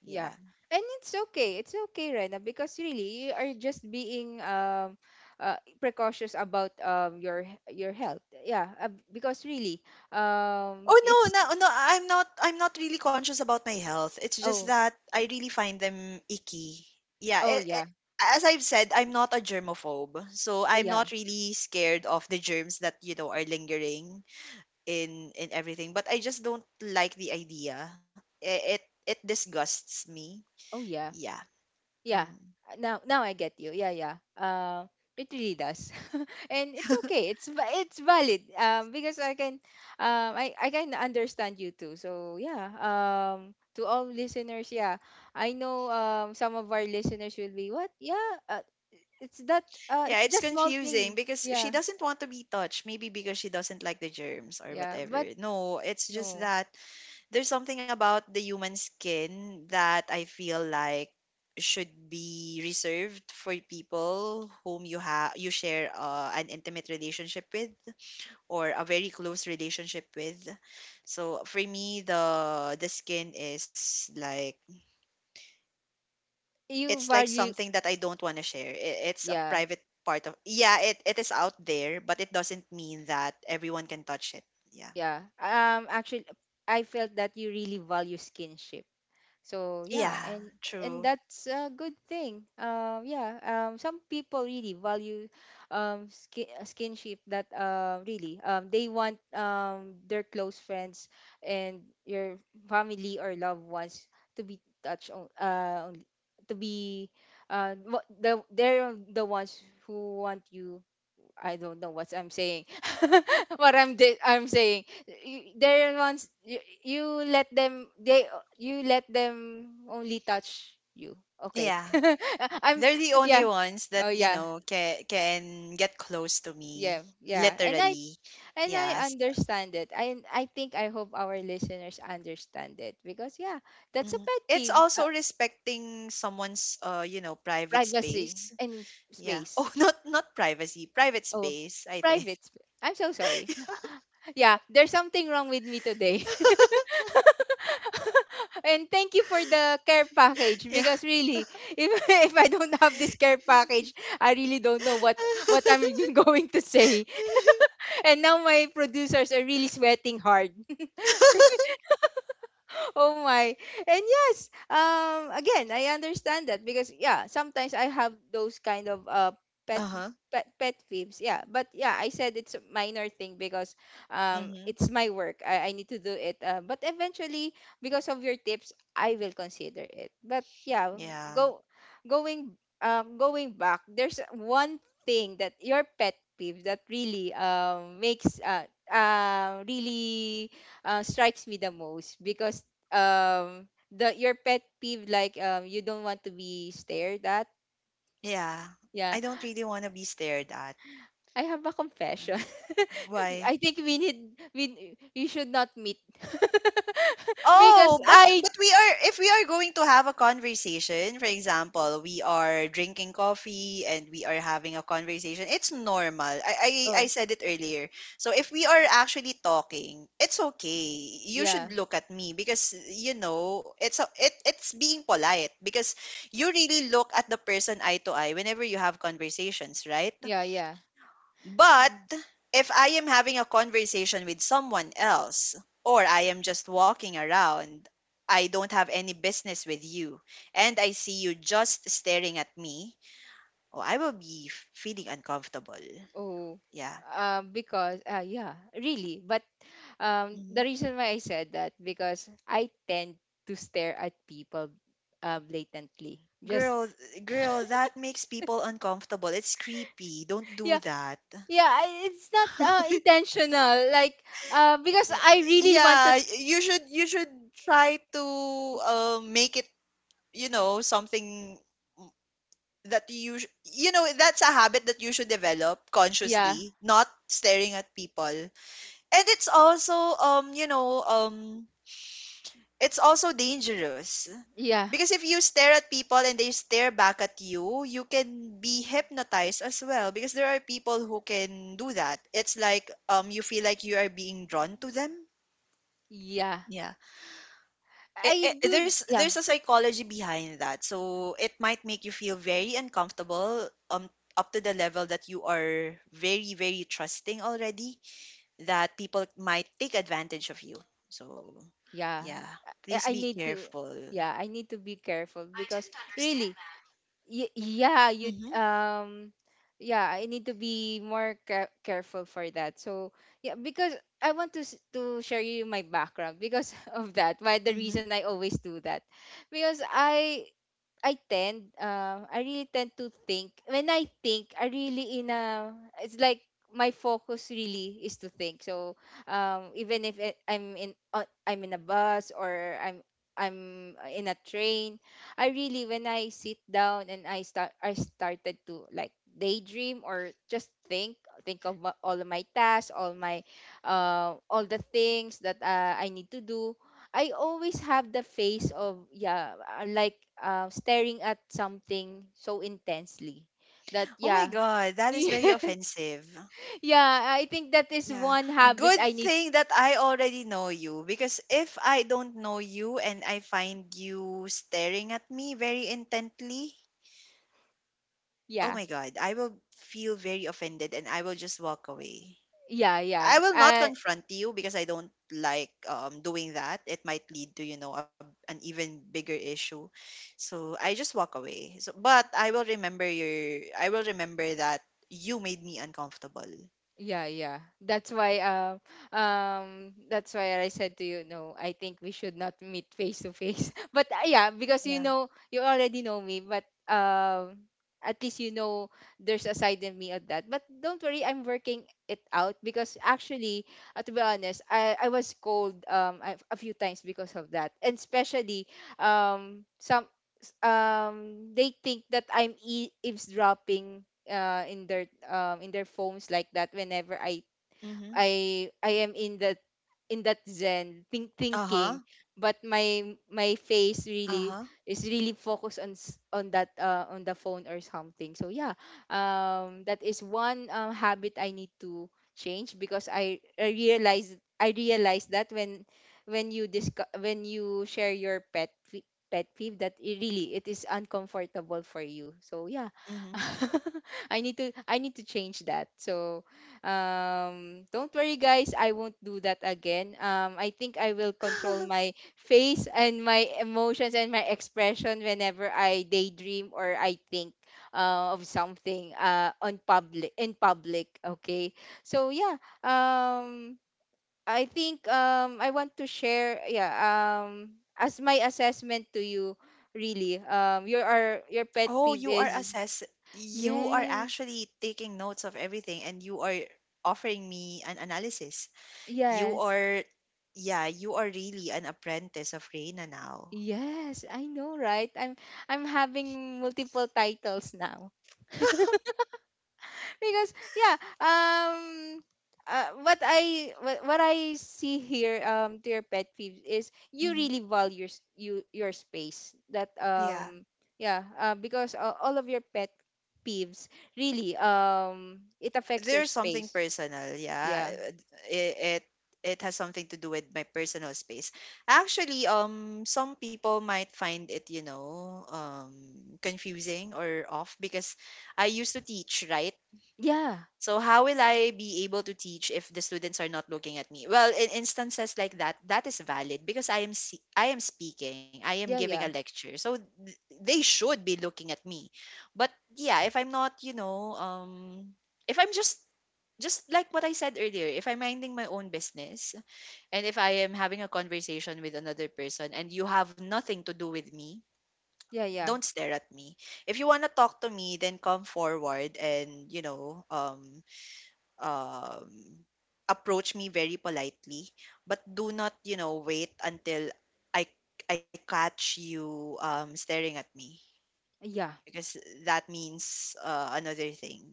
B: Yeah.
A: Yeah. And it's okay. It's okay, Rena, because really you are just being precautious about your your health. Yeah, because really
B: Oh no,
A: it's.
B: no, no, I'm not, I'm not really conscious about my health. It's just
A: Oh.
B: that I really find them icky. Yeah,
A: Oh yeah.
B: as I've said, I'm not a germaphobe. So
A: Oh
B: I'm
A: yeah.
B: not really scared of the germs that, you know, are lingering in everything, but I just don't like the idea. It disgusts me.
A: Oh yeah.
B: Yeah.
A: Yeah.
B: Mhm.
A: Now I get you. Yeah, yeah. It really does. And it's okay. It's valid. Because I can understand you too. So yeah. To all listeners, yeah. I know, some of our listeners will be what? Yeah. It's that
B: Yeah,
A: it's
B: it's
A: just small
B: confusing
A: thing.
B: because she
A: Yeah.
B: doesn't want to be touched, maybe because she doesn't like the germs or
A: Yeah.
B: whatever.
A: But
B: No, it's just
A: no.
B: that there's something about the human skin that I feel like should be reserved for people whom you share an intimate relationship with or a very close relationship with. So for me, the skin is like,
A: You
B: it's like
A: value,
B: something that I don't want to share. It, it's a
A: yeah.
B: private part of, yeah. It is out there, but it doesn't mean that everyone can touch it. Yeah.
A: Yeah. Actually, I felt that you really value skinship, so yeah.
B: Yeah.
A: And
B: True.
A: that's a good thing. Yeah. Some people really value skinship, that really they want, their close friends and your family or loved ones to be touched to be what the they're the ones who want you. I don't know what I'm saying. I'm saying, they're ones you let them, they you let them only touch you. Okay.
B: Yeah.
A: I'm
B: They're the only
A: Yeah.
B: ones
A: Oh
B: that, you
A: yeah.
B: know, can get close to me,
A: Yeah, yeah, and I.
B: literally.
A: And I
B: Yes.
A: understand it. I hope our listeners understand it, because yeah, that's a
B: Mm.
A: pet
B: It's
A: peeve.
B: also respecting someone's, you know, private
A: Privacy
B: space.
A: and
B: Yeah. Oh,
A: space.
B: not not privacy, private
A: Oh,
B: space, I think.
A: private space. I'm so sorry. Yeah, there's something wrong with me today. And thank you for the care package,
B: Yeah.
A: because really, if if I don't have this care package, I really don't know what I'm going to say. And now my producers are really sweating hard. Oh my. And yes, again, I understand that, because yeah, sometimes I have those kind of pet
B: Uh-huh.
A: pet peeves, yeah. But yeah, I said it's a minor thing, because
B: Mm-hmm.
A: it's my work, I need to do it, but eventually, because of your tips, I will consider it. But yeah,
B: Yeah.
A: go going going back, there's one thing that your pet peeve that really makes really, strikes me the most, because the your pet peeve like you don't want to be stared at.
B: Yeah.
A: Yeah,
B: I don't really want to be stared at.
A: I have a confession.
B: Why?
A: I think we need we you should not meet, because
B: Oh,
A: I.
B: but we are, if we are going to have a conversation, for example, we are drinking coffee and we are having a conversation, it's normal. I
A: Oh.
B: said it earlier. So if we are actually talking, it's okay. You should
A: Yeah,
B: look at me because you know it's a, it it's being polite, because you really look at the person eye to eye whenever you have conversations, right?
A: yeah, yeah.
B: But
A: Mm.
B: if I am having a conversation with someone else or I am just walking around, I don't have any business with you and I see you just staring at me, oh, I will be feeling uncomfortable.
A: Oh.
B: Yeah.
A: Because yeah, really. But the
B: Mhm.
A: reason why I said that, because I tend to stare at people, blatantly, just.
B: Girl, girl, that makes people uncomfortable. It's creepy. Don't
A: Yeah,
B: do that.
A: yeah, it's not intentional, like, because
B: Yeah,
A: I really want to.
B: yeah, you should, you should try to make it, you know, something that you know, that's a habit that you should develop
A: Yeah,
B: consciously, not staring at people. And it's also you know, it's also dangerous,
A: yeah,
B: because if you stare at people and they stare back at you, you can be hypnotized as well, because there are people who can do that. It's like, you feel like you are being drawn to them.
A: yeah, I
B: Eh, eh,
A: do. Yeah,
B: there's a psychology behind that. So it might make you feel very uncomfortable, up to the level that you are very very trusting already, that people might take advantage of you. So
A: yeah,
B: yeah, please
A: I
B: be
A: need to.
B: careful.
A: Yeah, I need to be careful,
B: I
A: because
B: didn't understand
A: really,
B: that.
A: yeah, you,
B: Mm-hmm,
A: yeah, I need to be more careful for that, so yeah, because I want to to share you my background, because of that. Why the
B: mm-hmm.
A: reason I always do that. Because I I really tend to think. When I think, I really in a, it's like my focus really is to think. So, even if I'm in a bus, I'm in a train. I really when I sit down and I started to like daydream or just think of all of my tasks, all the things that I need to do. I always have the face of like staring at something so intensely that
B: Oh my
A: yeah.
B: God, that is very offensive.
A: Yeah, I think that is
B: Yeah.
A: one habit
B: Good
A: I need.
B: thing that I already know you, because if I don't know you and I find you staring at me very intently, oh
A: Yeah,
B: my God, I will feel very offended and I will just walk away.
A: yeah,
B: I
A: yeah.
B: will not confront you because I don't like, doing that. It might lead to, you know, a, an even bigger issue. So I just walk away. So, but I will remember your, I will remember that you made me uncomfortable.
A: Yeah, yeah, that's why that's why I said to you no, I think we should not meet face to face. But yeah,
B: Yeah.
A: because you know you already know me, but at least you know there's a side in me of that. But don't worry, I'm working it out because actually, to be honest, I was cold a few times because of that. And especially some they think that I'm eavesdropping in their phones like that whenever I
B: Mm-hmm.
A: I I am in that zen thinking,
B: Uh-huh.
A: but my face
B: Uh-huh.
A: really is really focused on on that on the phone or something. So yeah, um, that is one um habit I need to change because I realized, I realized that when you discuss, when you share your pet peeve that it really it is uncomfortable for you. So yeah.
B: Mm-hmm.
A: I need to change that. So don't worry, guys. I won't do that again. I think I will control my face and my emotions and my expression whenever I daydream or I think of something on public in public. Okay. So yeah. I think I want to share. Yeah. As my assessment to you, really. Your pet
B: Oh,
A: peeve
B: you are
A: is
B: assess, you are
A: yes,
B: actually taking notes of everything and you are offering me an analysis. You
A: yes.
B: are, yeah, you are really an apprentice of Reina now.
A: Yes, I know, right? I'm having multiple titles now. Because yeah, um, what I see here to your pet peeves is you
B: Hmm.
A: really value your s- you your space. That
B: Yeah.
A: yeah, because all of your pet peeves really it affects your
B: There's something
A: space.
B: personal, yeah.
A: Yeah.
B: It, it it has something to do with my personal space. Actually, some people might find it, you know, confusing or off, because I used to teach, right?
A: Yeah,
B: So how will I be able to teach if the students are not looking at me? Well, in instances like that, that is valid, because I am speaking, I am
A: yeah,
B: giving a
A: yeah,
B: lecture. So they should be looking at me. But yeah, if I'm not, you know, if I'm just like what I said earlier, if I'm minding my own business and if I am having a conversation with another person and you have nothing to do with me,
A: yeah, yeah,
B: don't stare at me. If you want to talk to me, then come forward and, you know, um, approach me very politely, but do not, you know, wait until I I catch you staring at me,
A: yeah,
B: because that means another thing.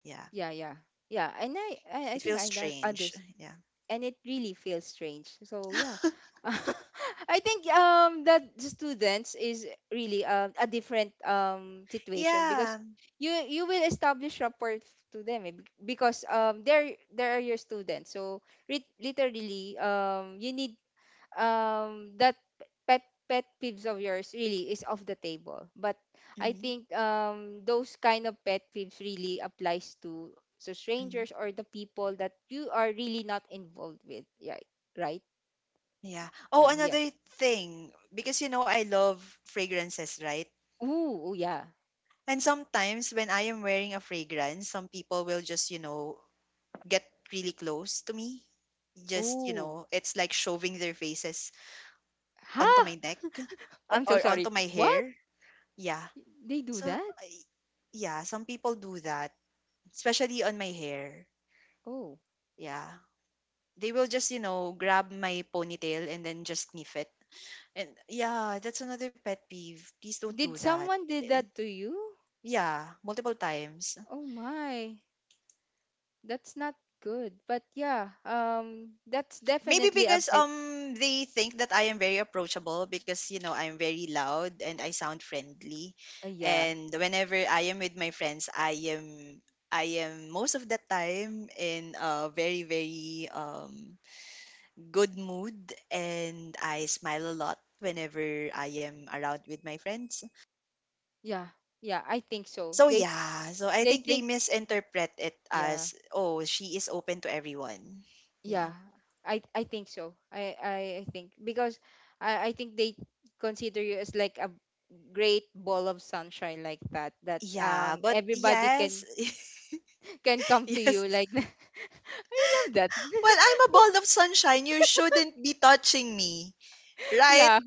B: Yeah,
A: yeah, yeah, yeah. And I
B: it
A: think
B: feels
A: I
B: strange.
A: understand.
B: Yeah,
A: And it really feels strange. So yeah. I think that the students is really a different situation because
B: yeah,
A: you will establish rapport to them eh, because they're your students. So literally you need that pet pet peeves of yours really is off the table. But I
B: hmm,
A: think those kind of pet peeves really applies to
B: hmm,
A: strangers or the people that you are really not involved with. Yeah, right.
B: yeah. Oh,
A: Yeah, yeah.
B: another thing, because you know I love fragrances, right?
A: Ooh, oh yeah.
B: And sometimes when I am wearing a fragrance, some people will just, you know, get really close to me. Just, you
A: Ooh.
B: know, it's like shoving their faces onto
A: Huh.
B: my neck
A: I'm
B: or
A: so sorry,
B: onto my
A: what?
B: hair. Yeah.
A: They do
B: So,
A: that?
B: yeah, some people do that, especially on my hair.
A: Oh,
B: Yeah. They will just, you know, grab my ponytail and then just sniff it. And yeah, that's another pet peeve. Please don't do
A: did
B: that.
A: someone did
B: Eh,
A: that to you?
B: yeah, multiple times.
A: Oh my, that's not good. But yeah, that's
B: Maybe
A: definitely a
B: because
A: pet.
B: they think that I am very approachable, because you know I'm very loud and I sound friendly.
A: Uh, yeah.
B: And whenever I am with my friends, I am most of the time in a very good mood, and I smile a lot whenever I am around with my friends.
A: Yeah, yeah, I think so.
B: So
A: They
B: yeah, so I
A: they
B: think they
A: think
B: misinterpret it
A: yeah,
B: as, oh, she is open to everyone. Yeah.
A: yeah. I think so. I think because I think they consider you as like a great ball of sunshine like that, that
B: Yeah, but
A: everybody
B: yes,
A: can can come to you
B: yes,
A: like that. I love that.
B: well, I'm a ball of sunshine. You shouldn't be touching me, right?
A: Yeah.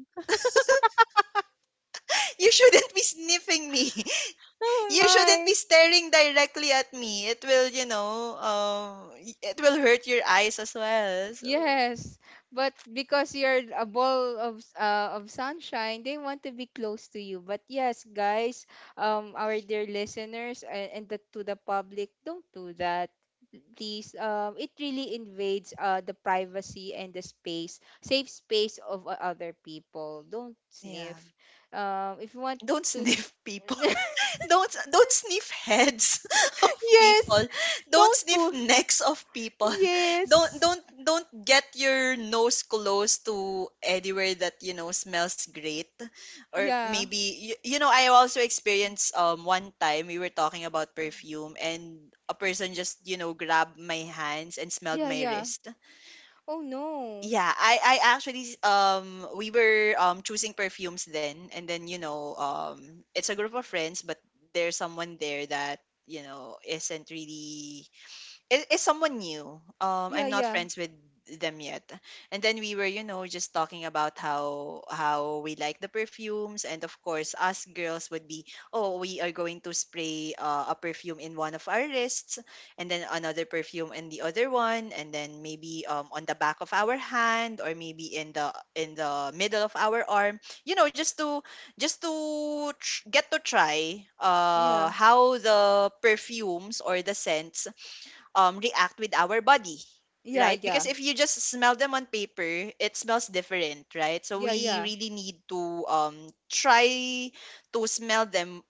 B: You shouldn't be sniffing me.
A: Oh
B: You shouldn't be
A: my.
B: staring directly at me. It will, it will hurt your eyes as well. So,
A: Yes, but because you're a ball of sunshine, they want to be close to you. But yes, guys, our dear listeners and the, to the public, don't do that. Please, it really invades the privacy and the space, safe space of other people. Don't
B: yeah,
A: sniff. If you want
B: don't
A: to,
B: sniff people. Don't sniff heads of people.
A: yes,
B: Don't
A: don't
B: sniff
A: poo.
B: necks of people. don't
A: Yes,
B: don't don't get your nose close to anywhere that smells great. Or
A: yeah,
B: maybe you, you know I also experienced one time, we were talking about perfume, and a person just grabbed my hands and smelled
A: yeah,
B: my
A: yeah.
B: wrist.
A: Oh no,
B: Yeah, I actually, we were choosing perfumes, then, and then, it's a group of friends, but there's someone there that isn't really, it's someone new.
A: yeah,
B: I'm not
A: yeah.
B: friends with them yet. And then we were, you know, just talking about how we like the perfumes, and of course, us girls would be, oh, we are going to spray a perfume in one of our wrists, and then another perfume in the other one, and then maybe on the back of our hand, or maybe in the middle of our arm. You know, just to just to get to try
A: Yeah,
B: how the perfumes or the scents react with our body,
A: yeah,
B: right?
A: yeah,
B: Because if you just smell them on paper, it smells different, right? So
A: yeah,
B: we
A: yeah,
B: really need to try to smell them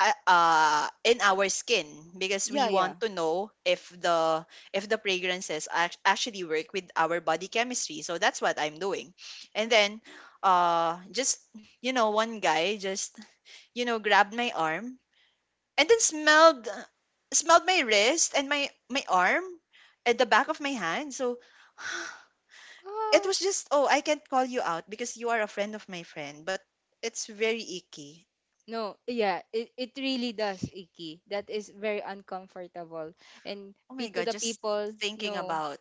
B: in our skin, because we
A: yeah, yeah.
B: want to know if the fragrances actually work with our body chemistry. So that's what I'm doing, and then just you know, one guy just you know grabbed my arm, and then smelled my wrist and my arm at the back of my hand. So it
A: What?
B: was just, oh, I can't call you out because you are a friend of my friend, but it's very icky.
A: No, yeah, it really does, Iki. That is very uncomfortable. And
B: Oh my
A: P to
B: god,
A: the
B: just
A: people,
B: thinking
A: no,
B: about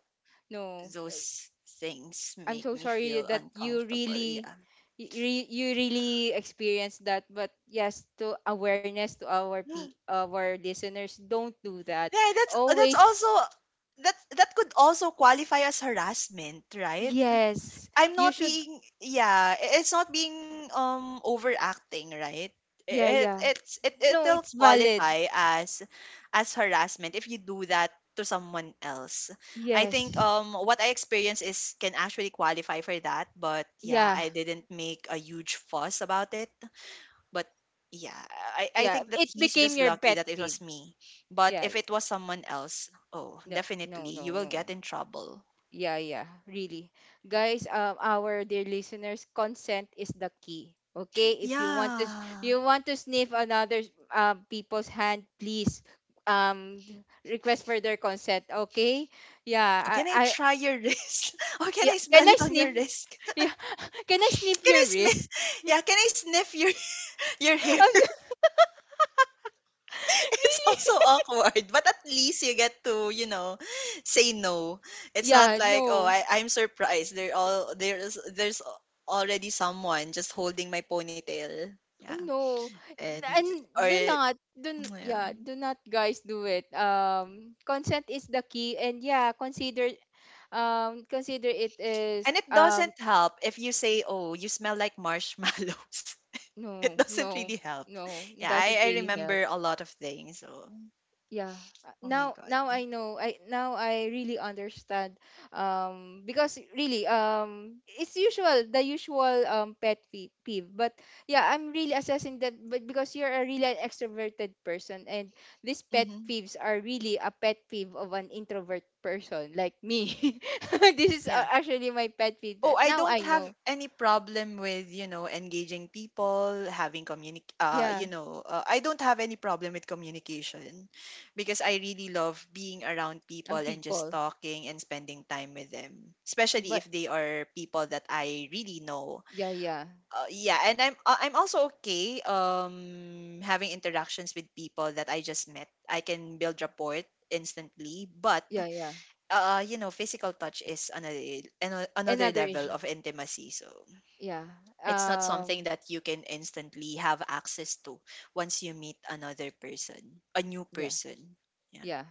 A: no. I-
B: those things
A: I'm
B: make
A: so
B: me
A: sorry
B: feel
A: that you
B: uncomfortable.
A: really,
B: Yeah.
A: you really experienced that. But yes, to awareness to our listeners, don't do that.
B: Yeah, that's
A: Always,
B: also, that could also qualify as harassment, right?
A: yes,
B: I'm
A: you
B: not
A: should.
B: being, yeah, it's not being overacting, right?
A: Yeah,
B: It
A: yeah.
B: it's it
A: No,
B: it'll
A: it's valid.
B: qualify as harassment if you do that to someone else. I think
A: Yes,
B: what I experienced is can actually qualify for that, but yeah,
A: yeah.
B: I didn't make a huge fuss about it, but yeah, I
A: Yeah,
B: think that
A: it
B: he's
A: became
B: just
A: your
B: lucky
A: pet
B: that it
A: peeve.
B: was me. But
A: Yeah,
B: if it was someone else, oh,
A: no, no,
B: definitely
A: no,
B: you will
A: no,
B: get in trouble.
A: yeah, yeah, really, guys, um, our dear listeners, consent is the key. Okay, if you want to
B: Yeah.
A: you want to sniff another people's hand, please um request for their consent. Okay,
B: Oh,
A: yeah,
B: can I
A: I
B: try your wrist? Or can
A: yeah,
B: I
A: can
B: smell
A: I
B: it on
A: sniff
B: your wrist?
A: yeah can I sniff
B: Can I
A: your
B: smell?
A: wrist.
B: Yeah, can I sniff your your hair?
A: I'm so-
B: It's also awkward, but at least you get to, you know, say no. It's not
A: yeah,
B: like, oh,
A: no.
B: I'm surprised. They're all, there's already someone just holding my ponytail. Yeah,
A: Oh no.
B: and
A: And
B: or
A: do not
B: yeah.
A: yeah, do not, guys, do it. Um, consent is the key, and yeah, consider consider it is
B: And it doesn't help if you say, oh, you smell like marshmallows. It
A: no,
B: doesn't really
A: no,
B: help.
A: no,
B: Yeah,
A: it doesn't
B: I
A: really help.
B: remember a lot of things. So.
A: Yeah,
B: Oh my
A: now
B: god.
A: now I know, I now I really understand because really it's usual, the usual peeve. But yeah, I'm really assessing that. But because you're a really an extroverted person, and these pet
B: Mhm.
A: peeves are really a pet peeve of an introvert person like me. This is
B: Yeah.
A: actually my pet peeve
B: Oh,
A: that
B: I
A: now
B: don't
A: I
B: have
A: know.
B: any problem with, you know, engaging people, having communic you
A: Yeah,
B: know, I don't have any problem with communication, because I really love being around people
A: um,
B: and just
A: people,
B: talking and spending time with them, especially
A: but
B: if they are people that I really know.
A: yeah, yeah,
B: Yeah, and I'm also okay having interactions with people that I just met. I can build rapport instantly, but
A: yeah, yeah,
B: you know, physical touch is another another
A: another
B: level
A: issue,
B: of intimacy. So
A: yeah,
B: it's not
A: um,
B: something that you can instantly have access to once you meet another person, a new
A: yeah.
B: person. Yeah.
A: Yeah.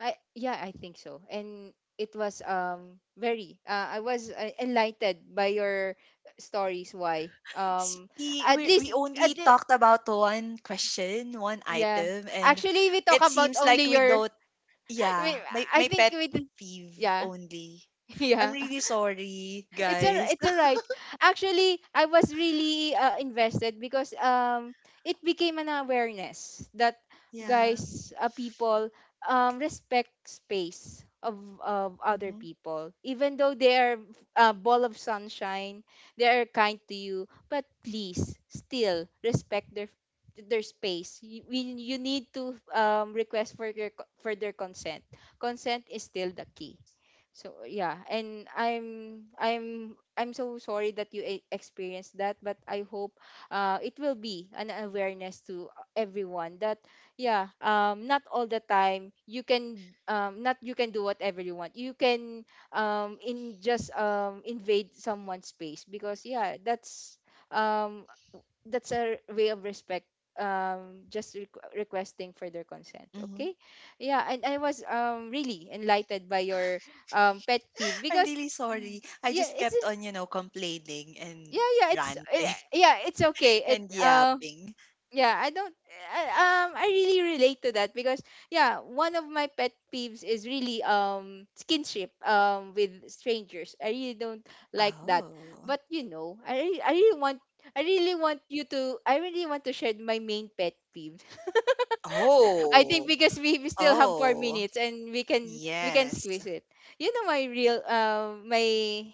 A: I yeah, I think so. And it was very I was enlightened by your stories why.
B: See,
A: At
B: we
A: least
B: we only
A: at le-
B: talked about one question, one
A: yeah.
B: item, and
A: Actually, we talk
B: it
A: about
B: seems
A: only
B: like we
A: your
B: don't.
A: we,
B: Yeah, my
A: I
B: my
A: think
B: pet
A: we did-
B: peeve
A: yeah.
B: only. I'm
A: Yeah.
B: really sorry, guys.
A: It's all right. Actually, I was really invested because it became an awareness that
B: yeah.
A: guys, people respect space of other
B: Mm-hmm.
A: people. Even though they are a ball of sunshine, they are kind to you, but please still respect their space. You need to request for for their consent. Consent is still the key. So yeah, and I'm I'm so sorry that you experienced that, but I hope it will be an awareness to everyone that yeah, not all the time you can not you can do whatever you want. You can in just invade someone's space because yeah, um, that's a way of respect just requesting for their consent.
B: Mm-hmm.
A: Okay, yeah, and I was really enlightened by your pet peeve
B: I'm
A: because
B: really sorry. I
A: yeah,
B: just
A: it's
B: kept on, you know, complaining and
A: yeah, yeah, it's eh,
B: ranting
A: yeah, it's okay. It
B: and
A: uh,
B: yapping.
A: yeah, I don't I really relate to that because yeah, one of my pet peeves is really skinship with strangers. I really don't like that.
B: Oh.
A: But you know, I really want you to I really want to share my main pet peeve. I think
B: Oh.
A: because we still have four
B: Oh.
A: minutes and we can
B: Yes.
A: squeeze it. You know my real my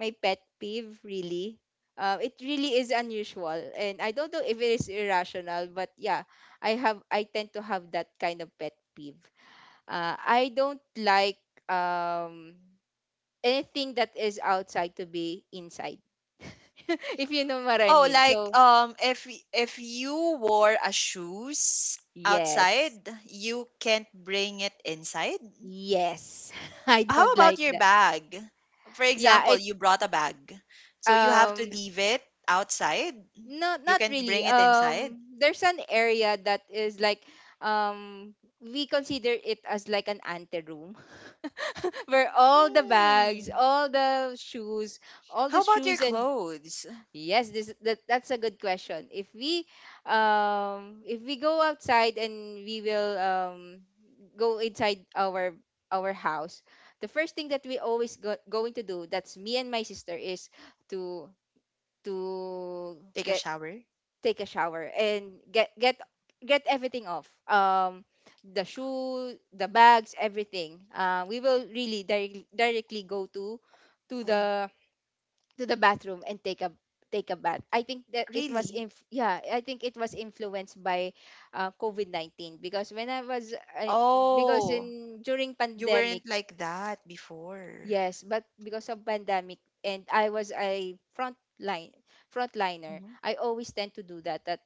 A: my pet peeve really. It really is unusual and I don't know if it is irrational, but yeah, I have I tend to have that kind of pet peeve. I don't like um anything that is outside to be inside. If you know what I
B: Oh,
A: mean.
B: like
A: So
B: if if you wore a shoes
A: yes.
B: outside, you can't bring it inside.
A: Yes. I
B: How
A: don't
B: about
A: like
B: your
A: that.
B: bag? For
A: Yeah,
B: example,
A: it
B: you brought a bag. So you have to
A: um
B: leave it outside.
A: no,
B: You
A: not
B: can't bring
A: really.
B: it inside.
A: There's an area that is like um we consider it as like an anteroom. Where all the bags,
B: Mm.
A: all
B: How
A: the
B: about your
A: shoes and
B: clothes?
A: yes, this that that's a good question. If we go outside and we will go inside our house, the first thing that we always going to do, that's me and my sister, is to to
B: Take a
A: get
B: shower?
A: take a shower and get get everything off the shoe, the bags, everything. Uh, we will really directly go to
B: Oh,
A: the to the bathroom and take a take a bath. I think that it was
B: really?
A: yeah, I think it was influenced by covid-19 because when I was I, because
B: Oh,
A: in during
B: you
A: pandemic.
B: weren't like that before.
A: Yes, but because of pandemic and I was a front line frontliner,
B: Mhm,
A: I always tend to do that. That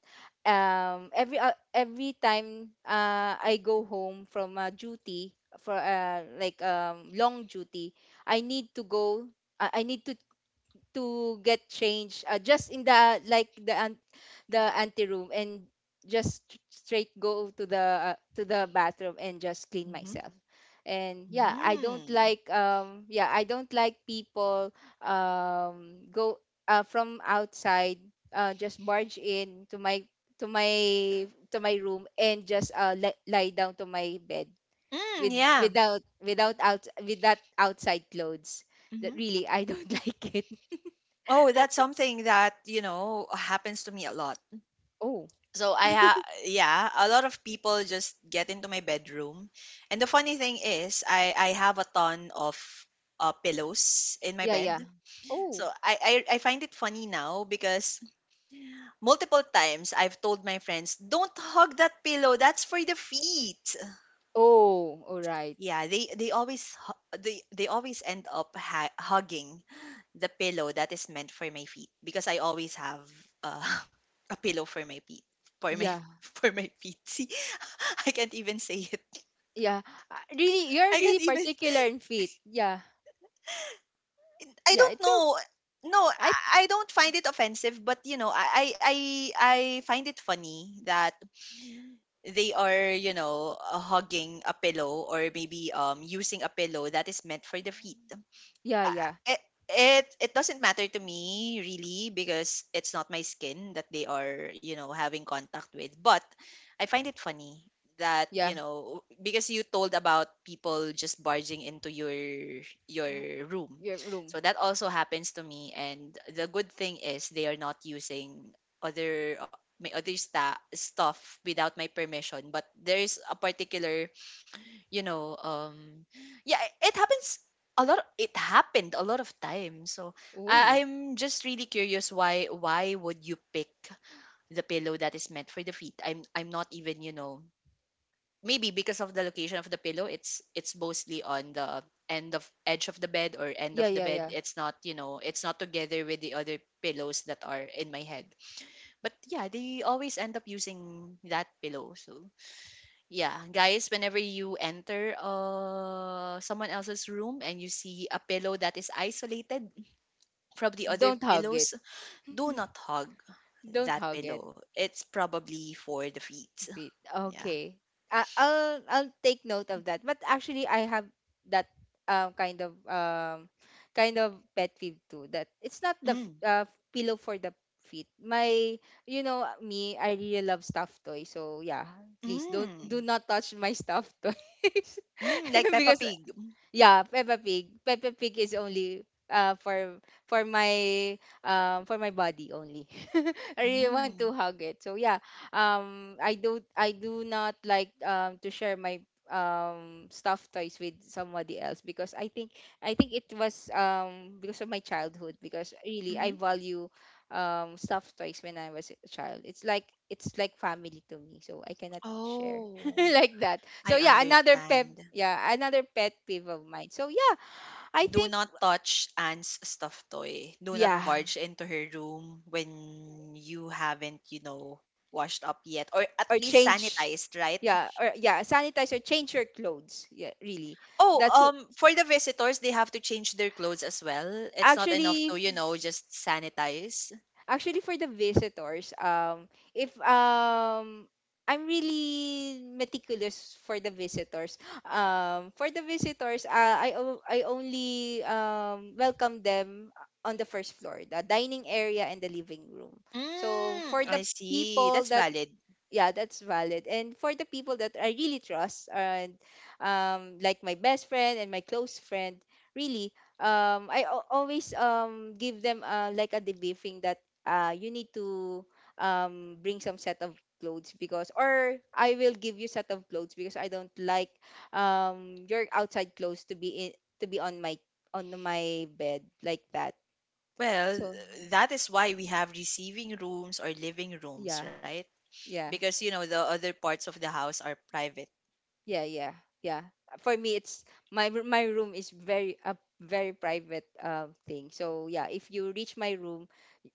A: every time I go home from duty for like long duty, I need to go. I need to get changed just in the like the anteroom and just straight go to the bathroom and just clean
B: mhm.
A: myself. And yeah, I don't
B: Mm.
A: like yeah, I don't like people go from outside just barge in to my to my to my room and just lie down to my bed
B: Mm,
A: with
B: yeah.
A: without without out with that outside clothes. That
B: Mhm.
A: really I don't like it.
B: Oh, that's something that, you know, happens to me a lot.
A: Oh,
B: So I ha, yeah, a lot of people just get into my bedroom. And the funny thing is, I have a ton of pillows in my
A: yeah,
B: bed.
A: yeah.
B: So
A: Oh.
B: I, I find it funny now, because multiple times I've told my friends, "Don't hug that pillow. That's for the feet."
A: Oh, all right.
B: Yeah, they always end up hugging the pillow that is meant for my feet, because I always have uh, a pillow for my feet, for my
A: Yeah.
B: for my feet. See, I can't even say it.
A: Yeah. Really, you're
B: I can't
A: really
B: even,
A: particular and fit. Yeah.
B: I
A: Yeah,
B: don't
A: it's okay.
B: know. No,
A: I
B: I don't find it offensive, but you know, I I find it funny that they are, you know, hugging a pillow, or maybe using a pillow that is meant for the feet.
A: yeah, yeah.
B: I- it it doesn't matter to me really, because it's not my skin that they are, you know, having contact with, but I find it funny that you
A: Yeah.
B: know, because you told about people just barging into
A: Uh,
B: your room,
A: your
B: so
A: room.
B: that also happens to me, and the good thing is they are not using other my other stuff without my permission, but there's a particular, you know um yeah it happens a lot, it happened a lot of times. So
A: Oh.
B: I'm just really curious, why would you pick the pillow that is meant for the feet, i'm not even you know, maybe because of the location of the pillow, it's mostly on the end of edge of the bed, or end of
A: Yeah,
B: the
A: yeah,
B: bed,
A: yeah.
B: it's not you know, it's not together with the other pillows that are in my head, but yeah, they always end up using that pillow. So yeah, guys, whenever you enter someone else's room, and you see a pillow that is isolated from the other
A: Don't hug it.
B: pillows, do not hug
A: Don't
B: that
A: hug it.
B: pillow. It's probably for the feet.
A: Feet.
B: Yeah.
A: Okay. I'll take note of that. But actually I have that um kind of um kind of pet peeve too that it's not the
B: Mm.
A: pillow for the feet. My You know me, I really love stuffed toys. So yeah, please don't do
B: Mm.
A: not touch my stuffed toys.
B: Mm. Like Peppa
A: because
B: Pig.
A: yeah, Peppa Pig. Peppa Pig is only for for my for my body only. I really want
B: Mm.
A: to hug it. So yeah, I do not like to share my stuffed toys with somebody else because I think it was because of my childhood, because really I
B: Mm-hmm.
A: value stuffed toys when I was a child. It's like family to me. So I cannot share.
B: Oh,
A: Like that. So
B: I understand.
A: yeah, another pet peeve of mine. So yeah, I
B: Do
A: think
B: not touch Anne's stuffed toy. Do not
A: yeah,
B: barge into her room when you haven't, you know, washed up yet, or at
A: or
B: least
A: change
B: sanitized, right?
A: yeah, or yeah, sanitize or change your clothes. Yeah, really.
B: Oh,
A: That's w-
B: for the visitors, they have to change their clothes as well. It's not enough
A: actually
B: to, you know, just sanitize.
A: Actually, for the visitors, if I'm really meticulous for the visitors. For the visitors, I only welcome them on the first floor, the dining area and the living room. So
B: Mm,
A: for
B: I
A: the
B: see. That's
A: people that
B: valid.
A: yeah, that's valid, and for the people that I really trust, and like my best friend and my close friend, really always give them like a debriefing that uh, you need to bring some set of clothes, because or I will give you set of clothes, because I don't like your outside clothes to be to be on my on my bed like that.
B: Well,
A: So
B: that is why we have receiving rooms or living rooms,
A: yeah,
B: right?
A: yeah.
B: Because, you know, the other parts of the house are private.
A: Yeah, yeah, yeah. For me, it's my room is very a very private thing. So yeah, if you reach my room,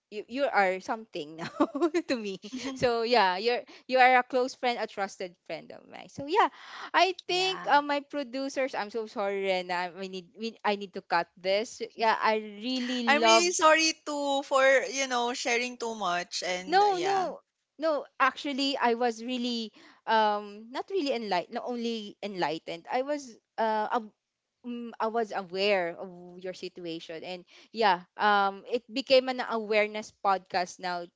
A: you are something now to me. So yeah, you are a close friend, a trusted friend of mine. So yeah, I think
B: yeah.
A: my producers. I'm so sorry, Rena. I need to cut this. Yeah, I really
B: I'm
A: love.
B: really sorry too for, you know, sharing too much and
A: No,
B: yeah.
A: no. No, actually, I was really not really enlightened, not only enlightened. I was I was aware of your situation. And yeah, it became an awareness podcast now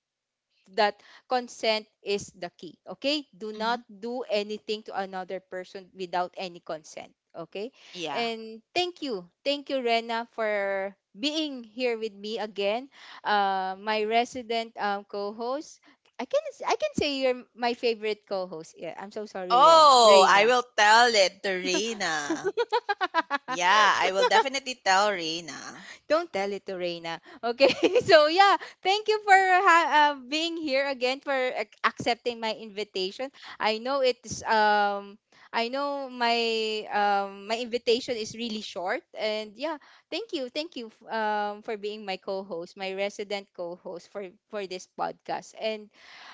A: that consent is the key. Okay? Do
B: Mhm.
A: not do anything to another person without any consent. Okay?
B: Yeah.
A: And thank you. Thank you, Rena, for being here with me again. My resident co-host. I can say you're my favorite co-host. Yeah, I'm so sorry,
B: Oh, I
A: Rena.
B: will tell it to Reina. Yeah, I will definitely tell Reina.
A: Don't tell it to Reina. Okay, so yeah, thank you for being here again for accepting my invitation. I know it's I know my my invitation is really short, and yeah, thank you for being my co-host, my resident co-host for this podcast. And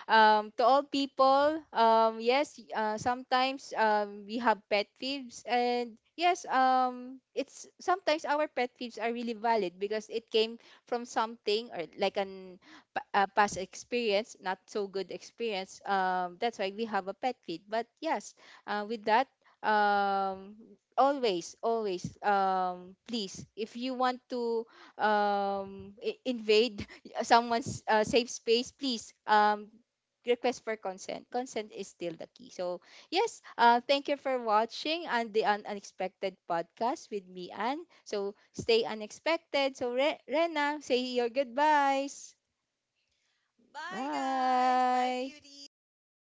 A: to all people, yes, sometimes we have pet peeves, and yes, it's sometimes our pet peeves are really valid, because it came from something, or like a past experience, not so good experience. That's why we have a pet peeve. But yes, with that, um, always, always, please, if you want to invade someone's safe space, please request for consent. Consent is still the key. So, yes, thank you for watching and the Unexpected podcast with me, Anne. So, stay unexpected. So, Rena, say your goodbyes.
B: Bye, guys. Bye,
A: Bye.
B: beauties. Bye, unexpected.